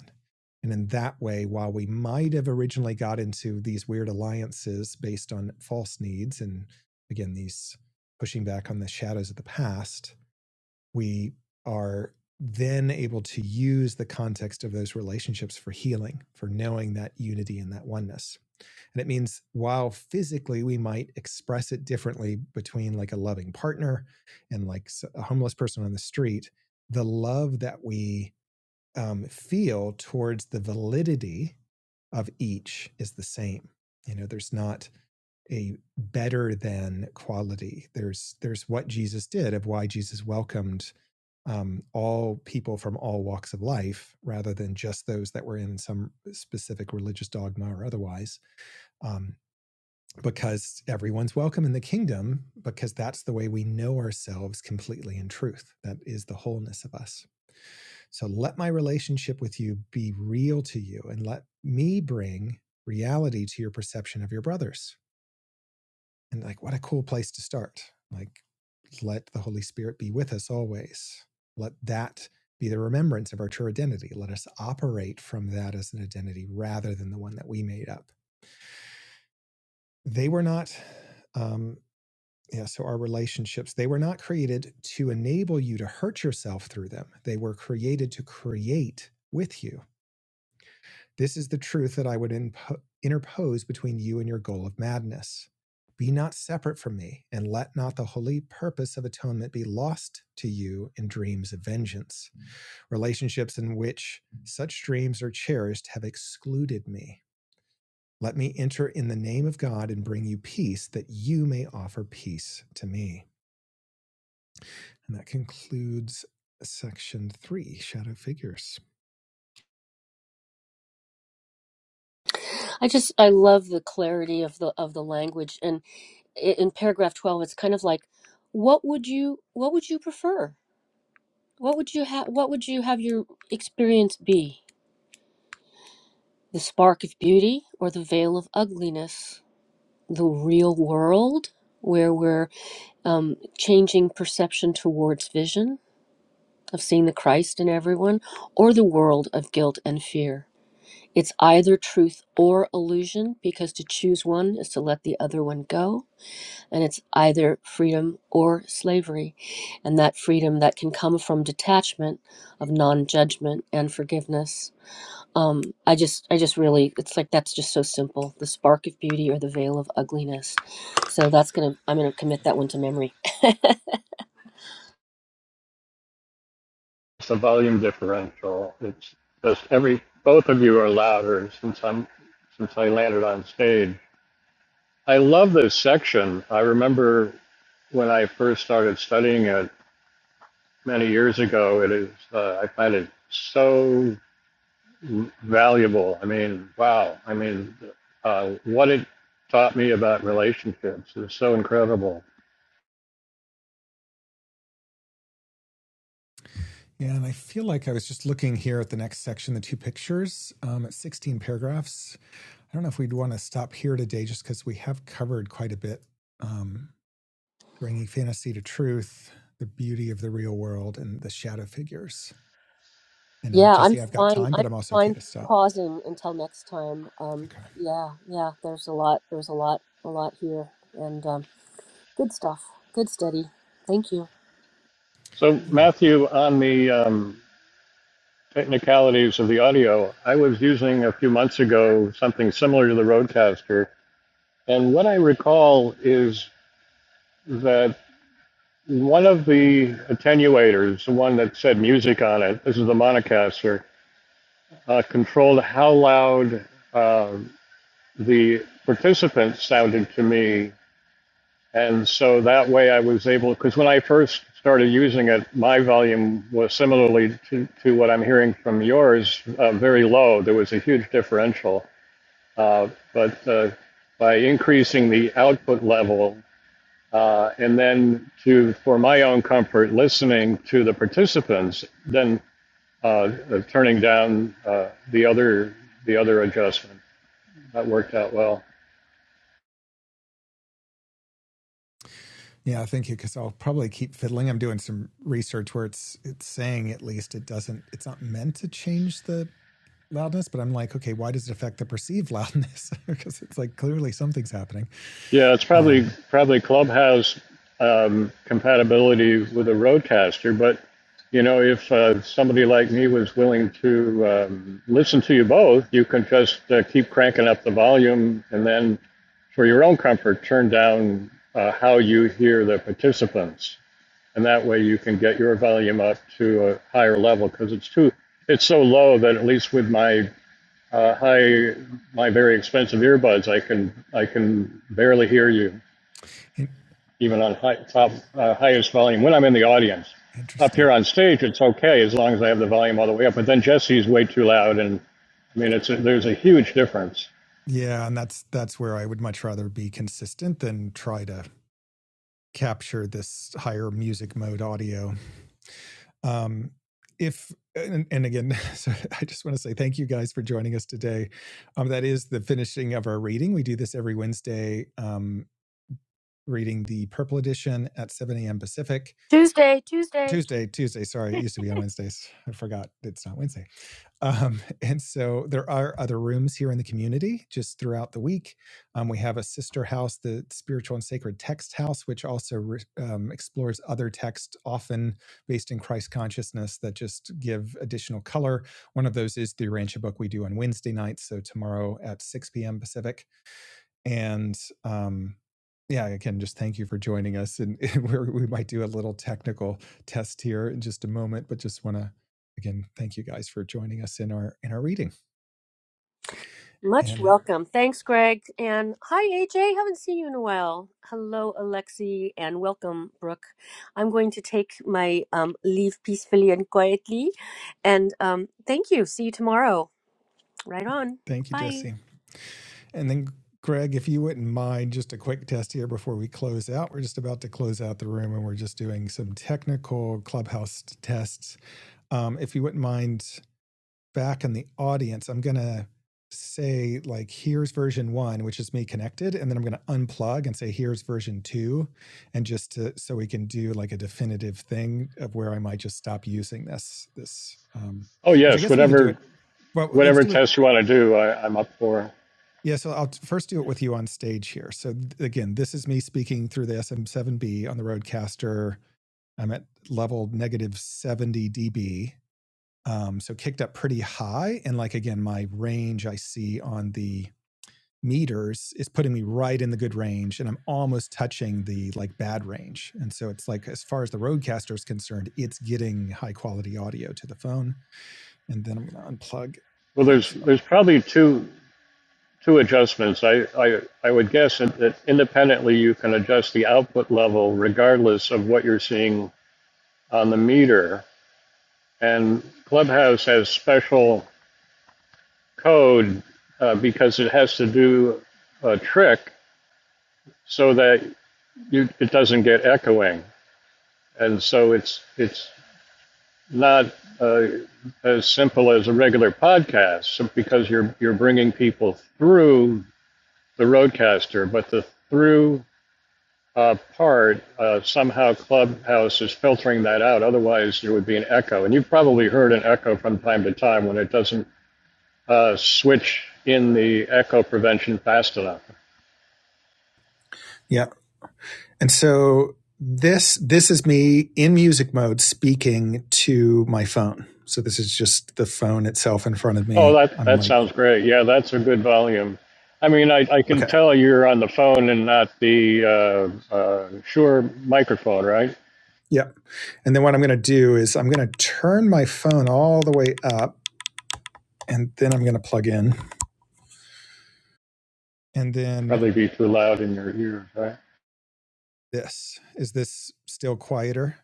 S2: And in that way, while we might have originally got into these weird alliances based on false needs and again, these pushing back on the shadows of the past, we are then able to use the context of those relationships for healing, for knowing that unity and that oneness. And it means while physically we might express it differently between like a loving partner and like a homeless person on the street, the love that we um, feel towards the validity of each is the same. You know, there's not a better than quality. There's there's what Jesus did of why Jesus welcomed um, all people from all walks of life rather than just those that were in some specific religious dogma or otherwise, um, because everyone's welcome in the kingdom, because that's the way we know ourselves completely in truth. That is the wholeness of us. So let my relationship with you be real to you and let me bring reality to your perception of your brothers. And like, what a cool place to start. Like, let the Holy Spirit be with us always. Let that be the remembrance of our true identity. Let us operate from that as an identity rather than the one that we made up. They were not, um, yeah, so our relationships, they were not created to enable you to hurt yourself through them. They were created to create with you This is the truth that I would impo- interpose between you and your goal of madness. Be not separate from me, and let not the holy purpose of atonement be lost to you in dreams of vengeance. Relationships in which such dreams are cherished have excluded me. Let me enter in the name of God and bring you peace, that you may offer peace to me. And that concludes section three shadow figures.
S1: I just I love the clarity of the of the language and i- in paragraph 12 it's kind of like what would you what would you prefer? What would you have what would you have your experience be? The spark of beauty or the veil of ugliness? The real world where we're um, changing perception towards vision of seeing the Christ in everyone or the world of guilt and fear? It's either truth or illusion because to choose one is to let the other one go and it's either freedom or slavery. And that freedom that can come from detachment of non-judgment and forgiveness. Um, I just, I just really, it's like that's just so simple. The spark of beauty or the veil of ugliness. So that's gonna, I'm gonna commit that one to memory.
S3: It's a volume differential. It's just every both of you are louder since I'm since I landed on stage. I love this section. I remember when I first started studying it many years ago. It is uh, I find it so valuable. I mean, wow. I mean, uh, what it taught me about relationships is so incredible.
S2: Yeah, and I feel like I was just looking here at the next section, the two pictures, um, at 16 paragraphs. I don't know if we'd want to stop here today just because we have covered quite a bit um, bringing fantasy to truth, the beauty of the real world, and the shadow figures. And um,
S1: yeah, I'm
S2: Jesse, I've got
S1: fine.
S2: time, but
S1: I'm
S2: I'm also okay
S1: fine
S2: to stop.
S1: pausing until next time. Um,
S2: Okay.
S1: yeah, yeah. There's a lot. There's a lot, a lot here, and um, good stuff. Good study. Thank you.
S3: So
S2: Yeah.
S3: Matthew, on the um, technicalities of the audio. I was using a few months ago something similar to the Rodecaster, and what I recall is that one of the attenuators, the one that said music on it, this is the Monocaster, uh, controlled how loud uh, the participants sounded to me. And so that way I was able, because when I first started using it, my volume was similarly to, to what I'm hearing from yours, uh, very low. There was a huge differential. Uh, but uh, by increasing the output level, uh, and then to, for my own comfort, listening to the participants, then uh, uh, turning down uh, the other the other adjustment. That worked out well.
S2: Yeah, thank you. Because I'll probably keep fiddling. I'm doing some research where it's it's saying at least it doesn't. It's not meant to change the loudness, but I'm like, okay, why does it affect the perceived loudness? because it's like clearly something's happening.
S3: Yeah, it's probably
S2: Um,
S3: probably Clubhouse um, compatibility with a Roadcaster, but you know, if uh, somebody like me was willing to um, listen to you both, you can just uh, keep cranking up the volume, and then for your own comfort, turn down uh, how you hear the participants, and that way you can get your volume up to a higher level because it's too it's so low that at least with my uh, high my very expensive earbuds, I can I can barely hear you
S2: in-
S3: even on high, top uh, highest volume when I'm in the audience. Up here
S2: interesting.
S3: on stage, it's okay as long as I have the volume all the way up. But then Jesse's way too loud, and I mean it's a, there's a huge difference.
S2: Yeah, and that's that's where I would much rather be consistent than try to capture this higher music mode audio. Um, if and, and again, so I just want to say thank you guys for joining us today. Um, that is the finishing of our reading. We do this every Wednesday, um, reading the Purple Edition at 7 a.m. Pacific.
S1: Tuesday, Tuesday.
S2: Tuesday, Tuesday. Sorry, it used to be on Wednesdays. I forgot it's not Wednesday. Um, and so there are other rooms here in the community just throughout the week. Um, we have a sister house, the Spiritual and Sacred Text House, which also re- um, explores other texts, often based in Christ consciousness, that just give additional color. One of those is the Urantia book we do on Wednesday nights. So tomorrow at 6 p.m. Pacific and um, yeah, again, just thank you for joining us. And we might do a little technical test here in just a moment, but just want to again thank you guys for joining us in our in our reading.
S1: Much
S2: And uh,
S1: welcome. Thanks, Greg. And hi, AJ. Haven't seen you in a while. Hello, Alexi, and welcome, Brooke. I'm going to take my um, leave peacefully and quietly. And um, thank you. See you tomorrow. Right on.
S2: thank you,
S1: Bye.
S2: Jesse. And then, Greg, if you wouldn't mind, just a quick test here before we close out. We're just about to close out the room and we're just doing some technical clubhouse tests. Um, if you wouldn't mind, back in the audience, I'm going to say, like, here's version one, which is me connected. And then I'm going to unplug and say, here's version two. And just to, so we can do like a definitive thing of where I might just stop using this, this, um,
S3: Oh
S2: which I
S3: yes,
S2: guess we could do
S3: whatever
S2: it. Well, let's
S3: whatever
S2: do it
S3: test you want to do, I, I'm up for.
S2: yeah, so I'll first do it with you on stage here. So again, this is me speaking through the SM7B on the Rodecaster. I'm at level negative 70 dB. Um, so kicked up pretty high. And like again, my range I see on the meters is putting me right in the good range and I'm almost touching the like bad range. And so it's like as far as the Rodecaster is concerned, it's getting high quality audio to the phone. And then I'm going to unplug.
S3: Well, there's
S2: Actually,
S3: there's probably two two adjustments. I I, I would guess that, that independently you can adjust the output level regardless of what you're seeing on the meter. And Clubhouse has special code uh, because it has to do a trick so that you it doesn't get echoing. And so it's it's not uh, as simple as a regular podcast because you're you're bringing people through the roadcaster, but the through uh, part, uh, somehow Clubhouse is filtering that out. Otherwise, there would be an echo. And you've probably heard an echo from time to time when it doesn't uh, switch in the echo prevention fast enough.
S2: yeah, And so this this is me in music mode speaking to my phone. So this is just the phone itself in front of
S3: Oh,
S2: me.
S3: that,
S2: I'm
S3: that
S2: like,
S3: sounds great. Yeah, that's a good volume. I mean, I, I can
S2: okay,
S3: tell you're on the phone and not the uh, uh, sure microphone, right?
S2: yeah. And then what I'm going to do is I'm going to turn my phone all the way up, and then I'm going to plug in. And then
S3: Probably be too loud in your ears, right?
S2: this is this still quieter?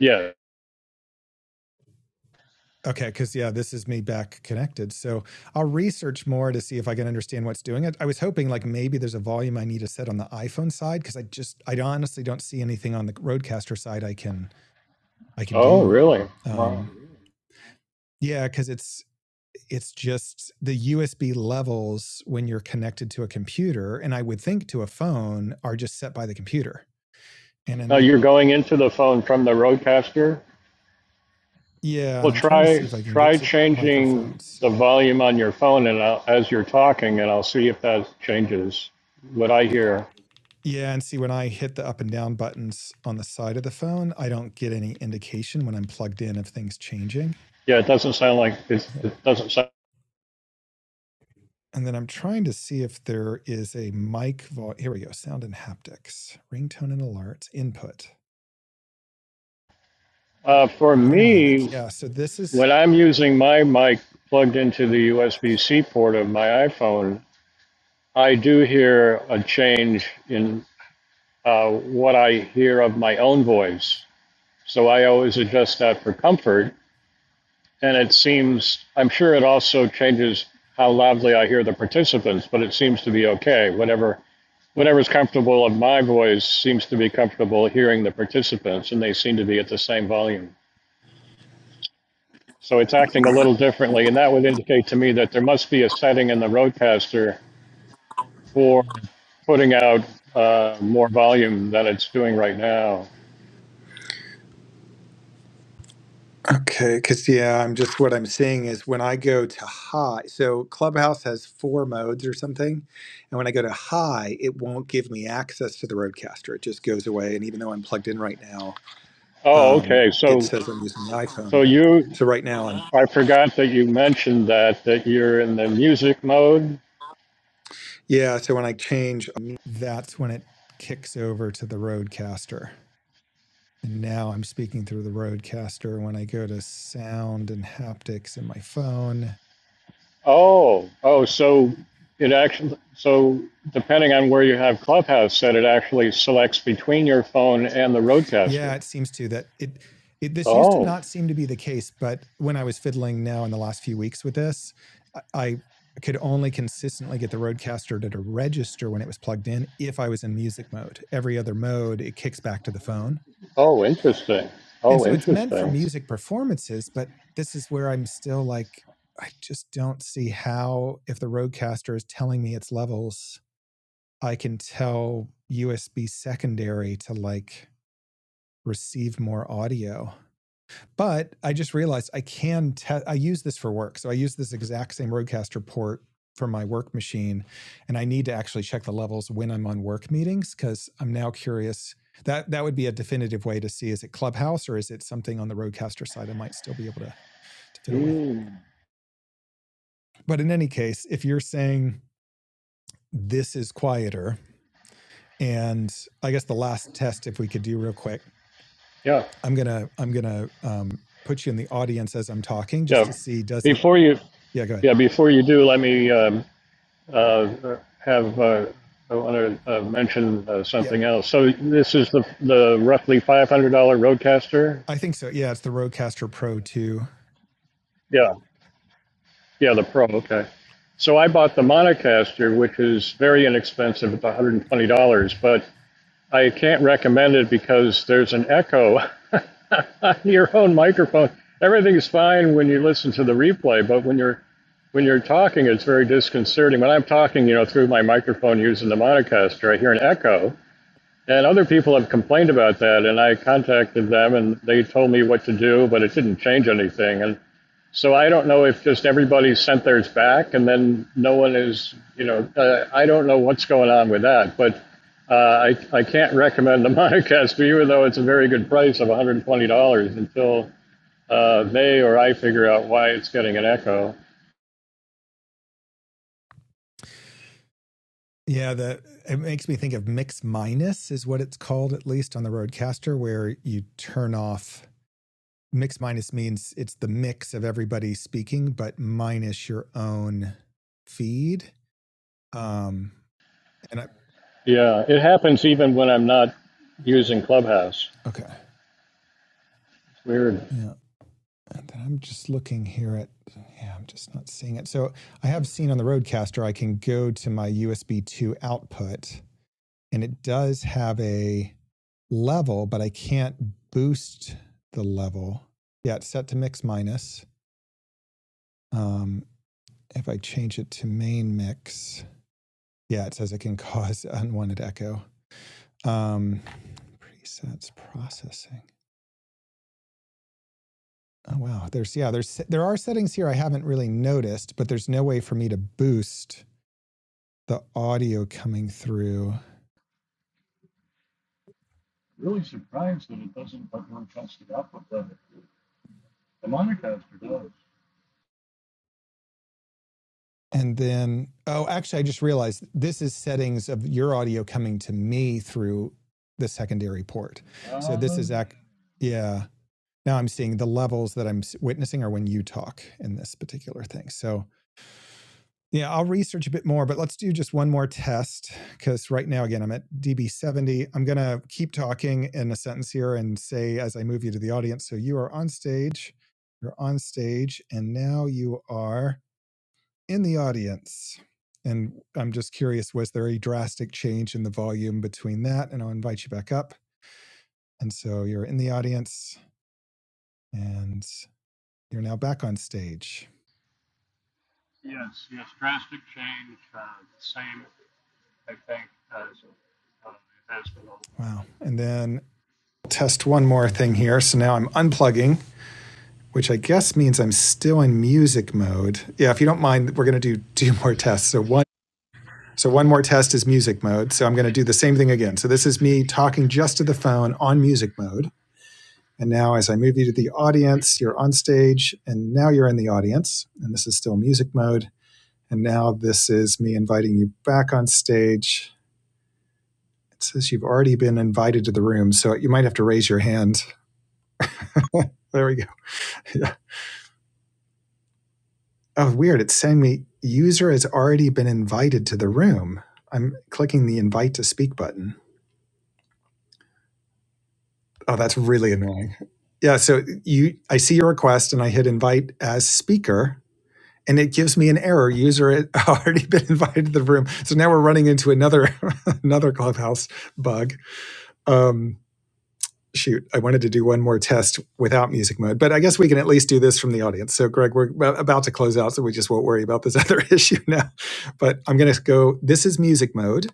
S3: Yeah.
S2: Okay, because yeah, this is me back connected. So I'll research more to see if I can understand what's doing it. I was hoping like maybe there's a volume I need to set on the iPhone side because I just I honestly don't see anything on the Roadcaster side I can I can
S3: Oh,
S2: do.
S3: really? Wow.
S2: Um, yeah, because it's it's just the USB levels when you're connected to a computer, and I would think to a phone are just set by the computer. And
S3: Now
S2: then
S3: you're going into the phone from the Rodecaster.
S2: yeah, and
S3: Well,
S2: I'm trying to
S3: try
S2: see if I can get
S3: try
S2: to
S3: changing
S2: microphones.
S3: the volume on your phone and I'll, as you're talking, and I'll see if that changes what I hear.
S2: Yeah, and see when I hit the up and down buttons on the side of the phone, I don't get any indication when I'm plugged in of things changing.
S3: Yeah, it doesn't sound like it's, it doesn't sound.
S2: And then I'm trying to see if there is a mic vo- here we go, sound and haptics, ringtone and alerts, input,
S3: Uh, for
S2: automatic.
S3: me,
S2: Yeah, so this is
S3: when I'm using my mic plugged into the USB-C port of my iPhone, I do hear a change in uh, what I hear of my own voice. So I always adjust that for comfort And it seems, I'm sure it also changes how loudly I hear the participants, but it seems to be okay. Whatever whatever's comfortable of my voice seems to be comfortable hearing the participants, and they seem to be at the same volume. So it's acting a little differently, and that would indicate to me that there must be a setting in the Roadcaster for putting out uh, more volume than it's doing right now.
S2: Okay, cuz yeah, I'm just what I'm seeing is when I go to high, so Clubhouse has four modes or something, and when I go to high, it won't give me access to the Rodecaster. It just goes away and even though I'm plugged in right now,
S3: Oh,
S2: um,
S3: okay.
S2: it
S3: So
S2: says I'm using the
S3: so
S2: iPhone.
S3: you,
S2: So right now, I'm,
S3: I forgot that you mentioned that that you're in the music mode
S2: yeah. So when I change, um, that's when it kicks over to the Rodecaster. and now I'm speaking through the Rodecaster. When I go to sound and haptics in my phone,
S3: Oh, oh, so it actually, so depending on where you have Clubhouse set, it actually selects between your phone and the
S2: yeah,
S3: roadcaster.
S2: it seems to that it. It, this used to
S3: Oh,
S2: not seem to be the case, but when I was fiddling now in the last few weeks with this, I, I could only consistently get the Rodecaster to, to register when it was plugged in if I was in music mode. Every other mode, it kicks back to the phone
S3: oh, interesting.
S2: And
S3: Oh,
S2: so it's meant for
S3: interesting.
S2: music performances, but this is where I'm still like, I just don't see how, if the Rodecaster is telling me its levels, I can tell USB secondary to like receive more audio. But I just realized I can test. I use this for work, so I use this exact same Rodecaster port for my work machine, and I need to actually check the levels when I'm on work meetings because I'm now curious. That that would be a definitive way to see is it Clubhouse or is it something on the Rodecaster side I might still be able to to fiddle with.
S3: Mm.
S2: But in any case, if you're saying this is quieter, and I guess the last test, if we could do real quick,
S3: Yeah,
S2: I'm gonna I'm gonna um, put you in the audience as I'm talking just to
S3: yeah.
S2: see does it.
S3: Before you,
S2: Yeah, go ahead.
S3: yeah, before you do, let me um, uh, have. Uh, I want to uh, mention uh,
S2: Yeah.
S3: something else. So this is the the roughly five hundred dollar roadcaster.
S2: I think so. Yeah, it's the Rodecaster Pro 2.
S3: Yeah. Yeah, the Pro, okay. So I bought the Monocaster, which is very inexpensive, it's $120, but I can't recommend it because there's an echo on your own microphone. Everything's fine when you listen to the replay, but when you're when you're talking, it's very disconcerting. When I'm talking, you know, through my microphone using the Monocaster, I hear an echo. And other people have complained about that, and I contacted them, and they told me what to do, but it didn't change anything. And so I don't know if just everybody sent theirs back and then no one is, you know, uh, I don't know what's going on with that, but uh, I, I can't recommend the Monocast to you, even though it's a very good price of $120 until uh, they or I figure out why it's getting an echo.
S2: Yeah, the it makes me think of mix minus is what it's called at least on the Rodecaster where you turn off mix minus means it's the mix of everybody speaking but minus your own feed. Um and I
S3: Yeah, it happens even when I'm not using Clubhouse.
S2: okay.
S3: It's weird.
S2: Yeah. And then I'm just looking here at yeah, I'm just not seeing it. So I have seen on the Rodecaster I can go to my USB 2 output and it does have a level, but I can't boost the level. Yeah, it's set to mix minus. Um, if I change it to main mix, yeah, it says it can cause unwanted echo. Um, presets processing. Oh wow, there's yeah, there's there are settings here I haven't really noticed, but there's no way for me to boost the audio coming through And then, oh, actually, I just realized this is settings of your audio coming to me through the secondary port. So this is, ac- yeah. Now I'm seeing the levels that I'm witnessing are when you talk in this particular thing. So yeah, I'll research a bit more, but let's do just one more test because right now, again, I'm at DB70. I'm going to keep talking in a sentence here and say as I move you to the audience. So you are on stage, you're on stage, and now you are in the audience. And I'm just curious was there a drastic change in the volume between that? And I'll invite you back up. And so you're in the audience and you're now back on stage. Wow. And then test one more thing here. So now I'm unplugging, which I guess means I'm still in music mode. Yeah, if you don't mind, we're going to do two more tests. So one so one more test is music mode. So I'm going to do the same thing again. So this is me talking just to the phone on music mode. And now, as I move you to the audience, you're on stage, and now you're in the audience, and this is still music mode. And now this is me inviting you back on stage. It says you've already been invited to the room, so you might have to raise your hand. there we go. Yeah. Oh, weird. It's saying me user has already been invited to the room. I'm clicking the invite to speak button. Oh, that's really annoying. Yeah, so you I see your request and I hit invite as speaker and it gives me an error. User had already been invited to the room. So now we're running into another another clubhouse bug. Um, shoot, I wanted to do one more test without music mode, but I guess we can at least do this from the audience. So Greg, we're about to close out, so we just won't worry about this other issue now. But I'm going to go. This is music mode.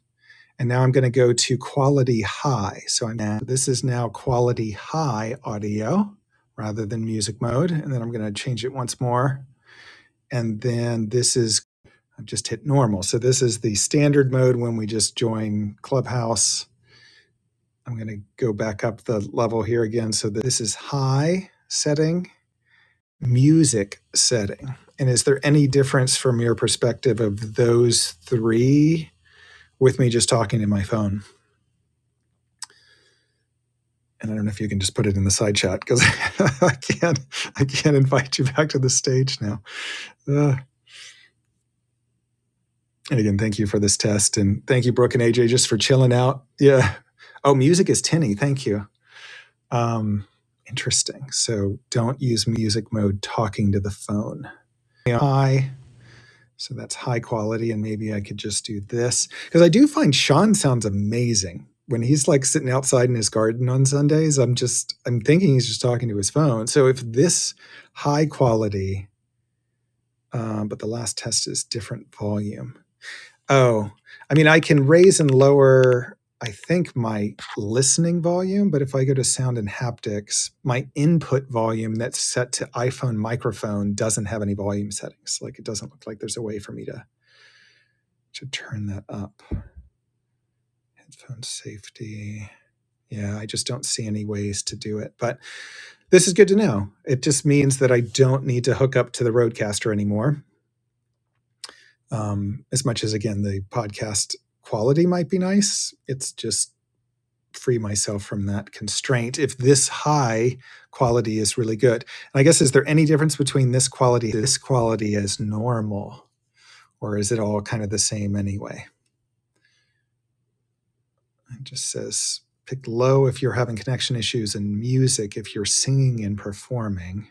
S2: And now I'm going to go to quality high. So I'm now, this is now quality high audio rather than music mode. And then I'm going to change it once more. And then this is I've just hit normal. So this is the standard mode when we just join Clubhouse. I'm going to go back up the level here again. So that this is high setting, music setting. And is there any difference from your perspective of those three with me just talking to my phone? And I don't know if you can just put it in the side chat because I can't, I can't invite you back to the stage now. Ugh. and again, thank you for this test, and thank you, Brooke and AJ, just for chilling out. Yeah. Oh, music is tinny. Thank you. Um, interesting. So don't use music mode talking to the phone. I so that's high quality, and maybe I could just do this because I do find Sean sounds amazing when he's like sitting outside in his garden on Sundays. I'm just I'm thinking he's just talking to his phone. So if this high quality, um, but the last test is different volume. Oh, I mean, I can raise and lower, I think, my listening volume, but if I go to sound and haptics, my input volume that's set to iPhone microphone doesn't have any volume settings. Like, it doesn't look like there's a way for me to, to turn that up. Headphone safety. Yeah, I just don't see any ways to do it. But this is good to know. It just means that I don't need to hook up to the Roadcaster anymore. Um, as much as, again, the podcast quality might be nice, it's just free myself from that constraint if this high quality is really good. And I guess is there any difference between this quality and this quality as normal or is it all kind of the same anyway? It just says pick low if you're having connection issues and music if you're singing and performing.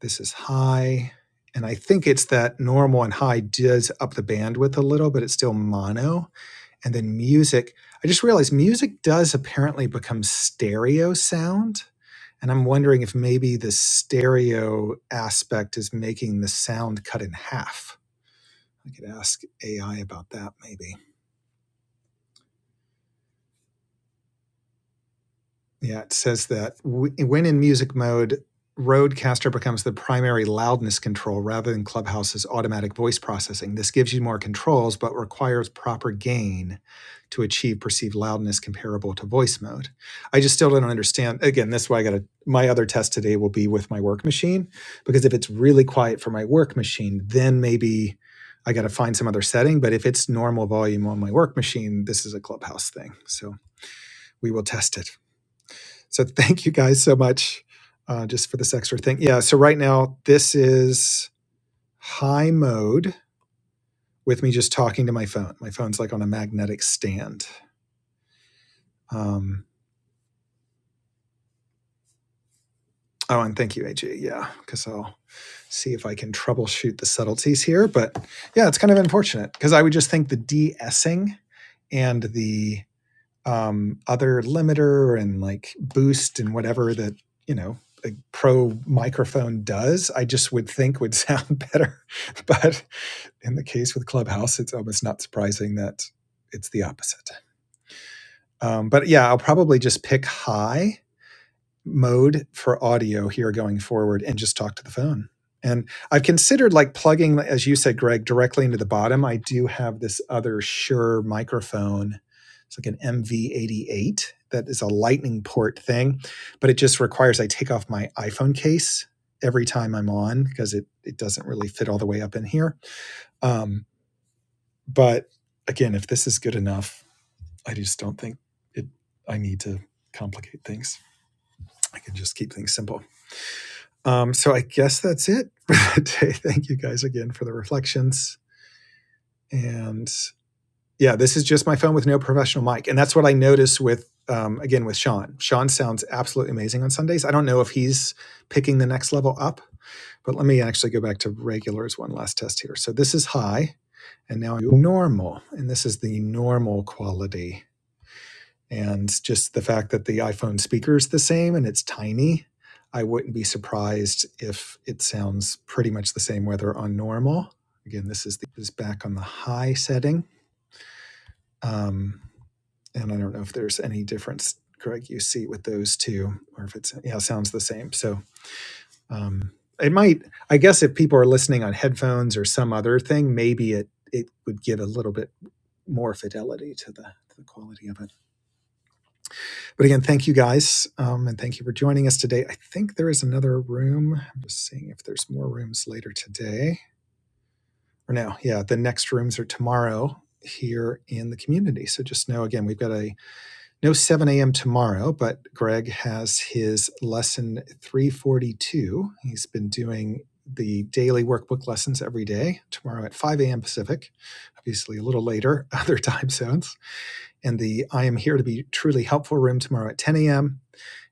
S2: This is high and I think it's that normal and high does up the bandwidth a little but it's still mono. and then music. I just realized music does apparently become stereo sound. And I'm wondering if maybe the stereo aspect is making the sound cut in half. I could ask AI about that maybe. Yeah, it says that w- when in music mode, Rodecaster becomes the primary loudness control rather than Clubhouse's automatic voice processing. This gives you more controls, but requires proper gain to achieve perceived loudness comparable to voice mode. I just still don't understand. Again, that's why I got to. My other test today will be with my work machine, because if it's really quiet for my work machine, then maybe I got to find some other setting. But if it's normal volume on my work machine, this is a Clubhouse thing. So we will test it. So thank you guys so much uh, just for this extra thing. Yeah. So right now this is high mode with me just talking to my phone. My phone's like on a magnetic stand. Um, oh, and thank you, AJ. Yeah, because I'll see if I can troubleshoot the subtleties here. But yeah, it's kind of unfortunate because I would just think the de-essing and the um, other limiter and like boost and whatever that you know a pro microphone does i just would think would sound better but in the case with clubhouse it's almost not surprising that it's the opposite um, but yeah i'll probably just pick high mode for audio here going forward and just talk to the phone. And I've considered like plugging, as you said, Greg, directly into the bottom. I do have this other Shure microphone. It's like an MV88 that is a lightning port thing, but it just requires I take off my iPhone case every time I'm on because it, it doesn't really fit all the way up in here. Um, but again, if this is good enough, I just don't think it, I need to complicate things. I can just keep things simple. Um, so I guess that's it for today. Thank you guys again for the reflections. And yeah, this is just my phone with no professional mic. And that's what I notice with, um, again, with Sean. Sean sounds absolutely amazing on Sundays. I don't know if he's picking the next level up, but let me actually go back to regulars one last test here. So this is high and now normal. And this is the normal quality and just the fact that the iPhone speaker is the same and it's tiny, I wouldn't be surprised if it sounds pretty much the same whether on normal. Again, this is the, is back on the high setting, um, and I don't know if there's any difference, Greg, you see with those two, or if it's yeah sounds the same. So um, it might, I guess, if people are listening on headphones or some other thing, maybe it it would give a little bit more fidelity to the to the quality of it. But again, thank you guys. Um, and thank you for joining us today. I think there is another room. I'm just seeing if there's more rooms later today. Or no, yeah, the next rooms are tomorrow here in the community. So just know again, we've got a no 7 a.m. tomorrow, but Greg has his lesson 342. He's been doing the daily workbook lessons every day, tomorrow at 5 a.m. Pacific, obviously a little later, other time zones and the I am here to be truly helpful room tomorrow at 10 a.m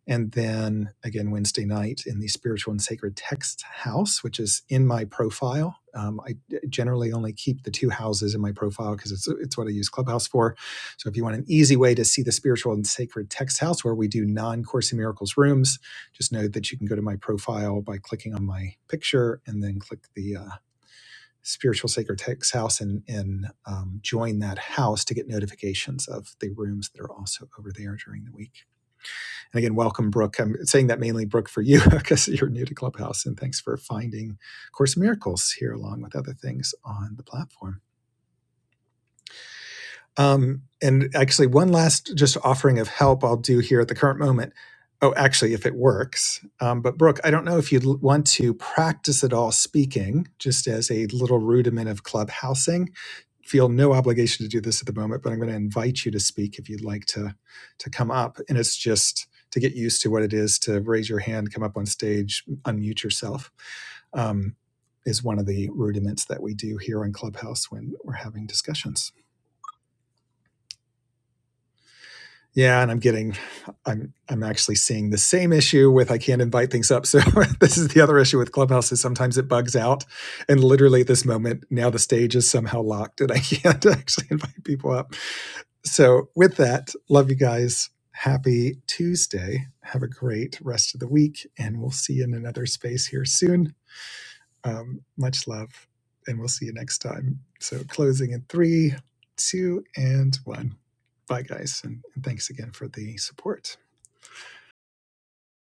S2: and then again Wednesday night in the Spiritual and Sacred Text House, which is in my profile. Um, I generally only keep the two houses in my profile because it's it's what I use Clubhouse for. So if you want an easy way to see the Spiritual and Sacred Text House, where we do non Course in Miracles rooms, just know that you can go to my profile by clicking on my picture and then click the. Uh, Spiritual Sacred Text House and, and um, join that house to get notifications of the rooms that are also over there during the week. And again, welcome, Brooke. I'm saying that mainly, Brooke, for you because you're new to Clubhouse, and thanks for finding Course in Miracles here along with other things on the platform. Um, and actually, one last just offering of help I'll do here at the current moment. Oh, actually, if it works. Um, but Brooke, I don't know if you'd want to practice at all speaking, just as a little rudiment of clubhousing feel no obligation to do this at the moment, but I'm going to invite you to speak if you'd like to to come up. And it's just to get used to what it is to raise your hand, come up on stage, unmute yourself. Um, is one of the rudiments that we do here on Clubhouse when we're having discussions. Yeah, and I'm getting, I'm I'm actually seeing the same issue with I can't invite things up. So this is the other issue with Clubhouse is sometimes it bugs out, and literally at this moment now the stage is somehow locked and I can't actually invite people up. So, with that, love you guys. Happy Tuesday. Have a great rest of the week, and we'll see you in another space here soon. Um, much love, and we'll see you next time. So, closing in three, two, and one. Bye, guys, and, and thanks again for the support.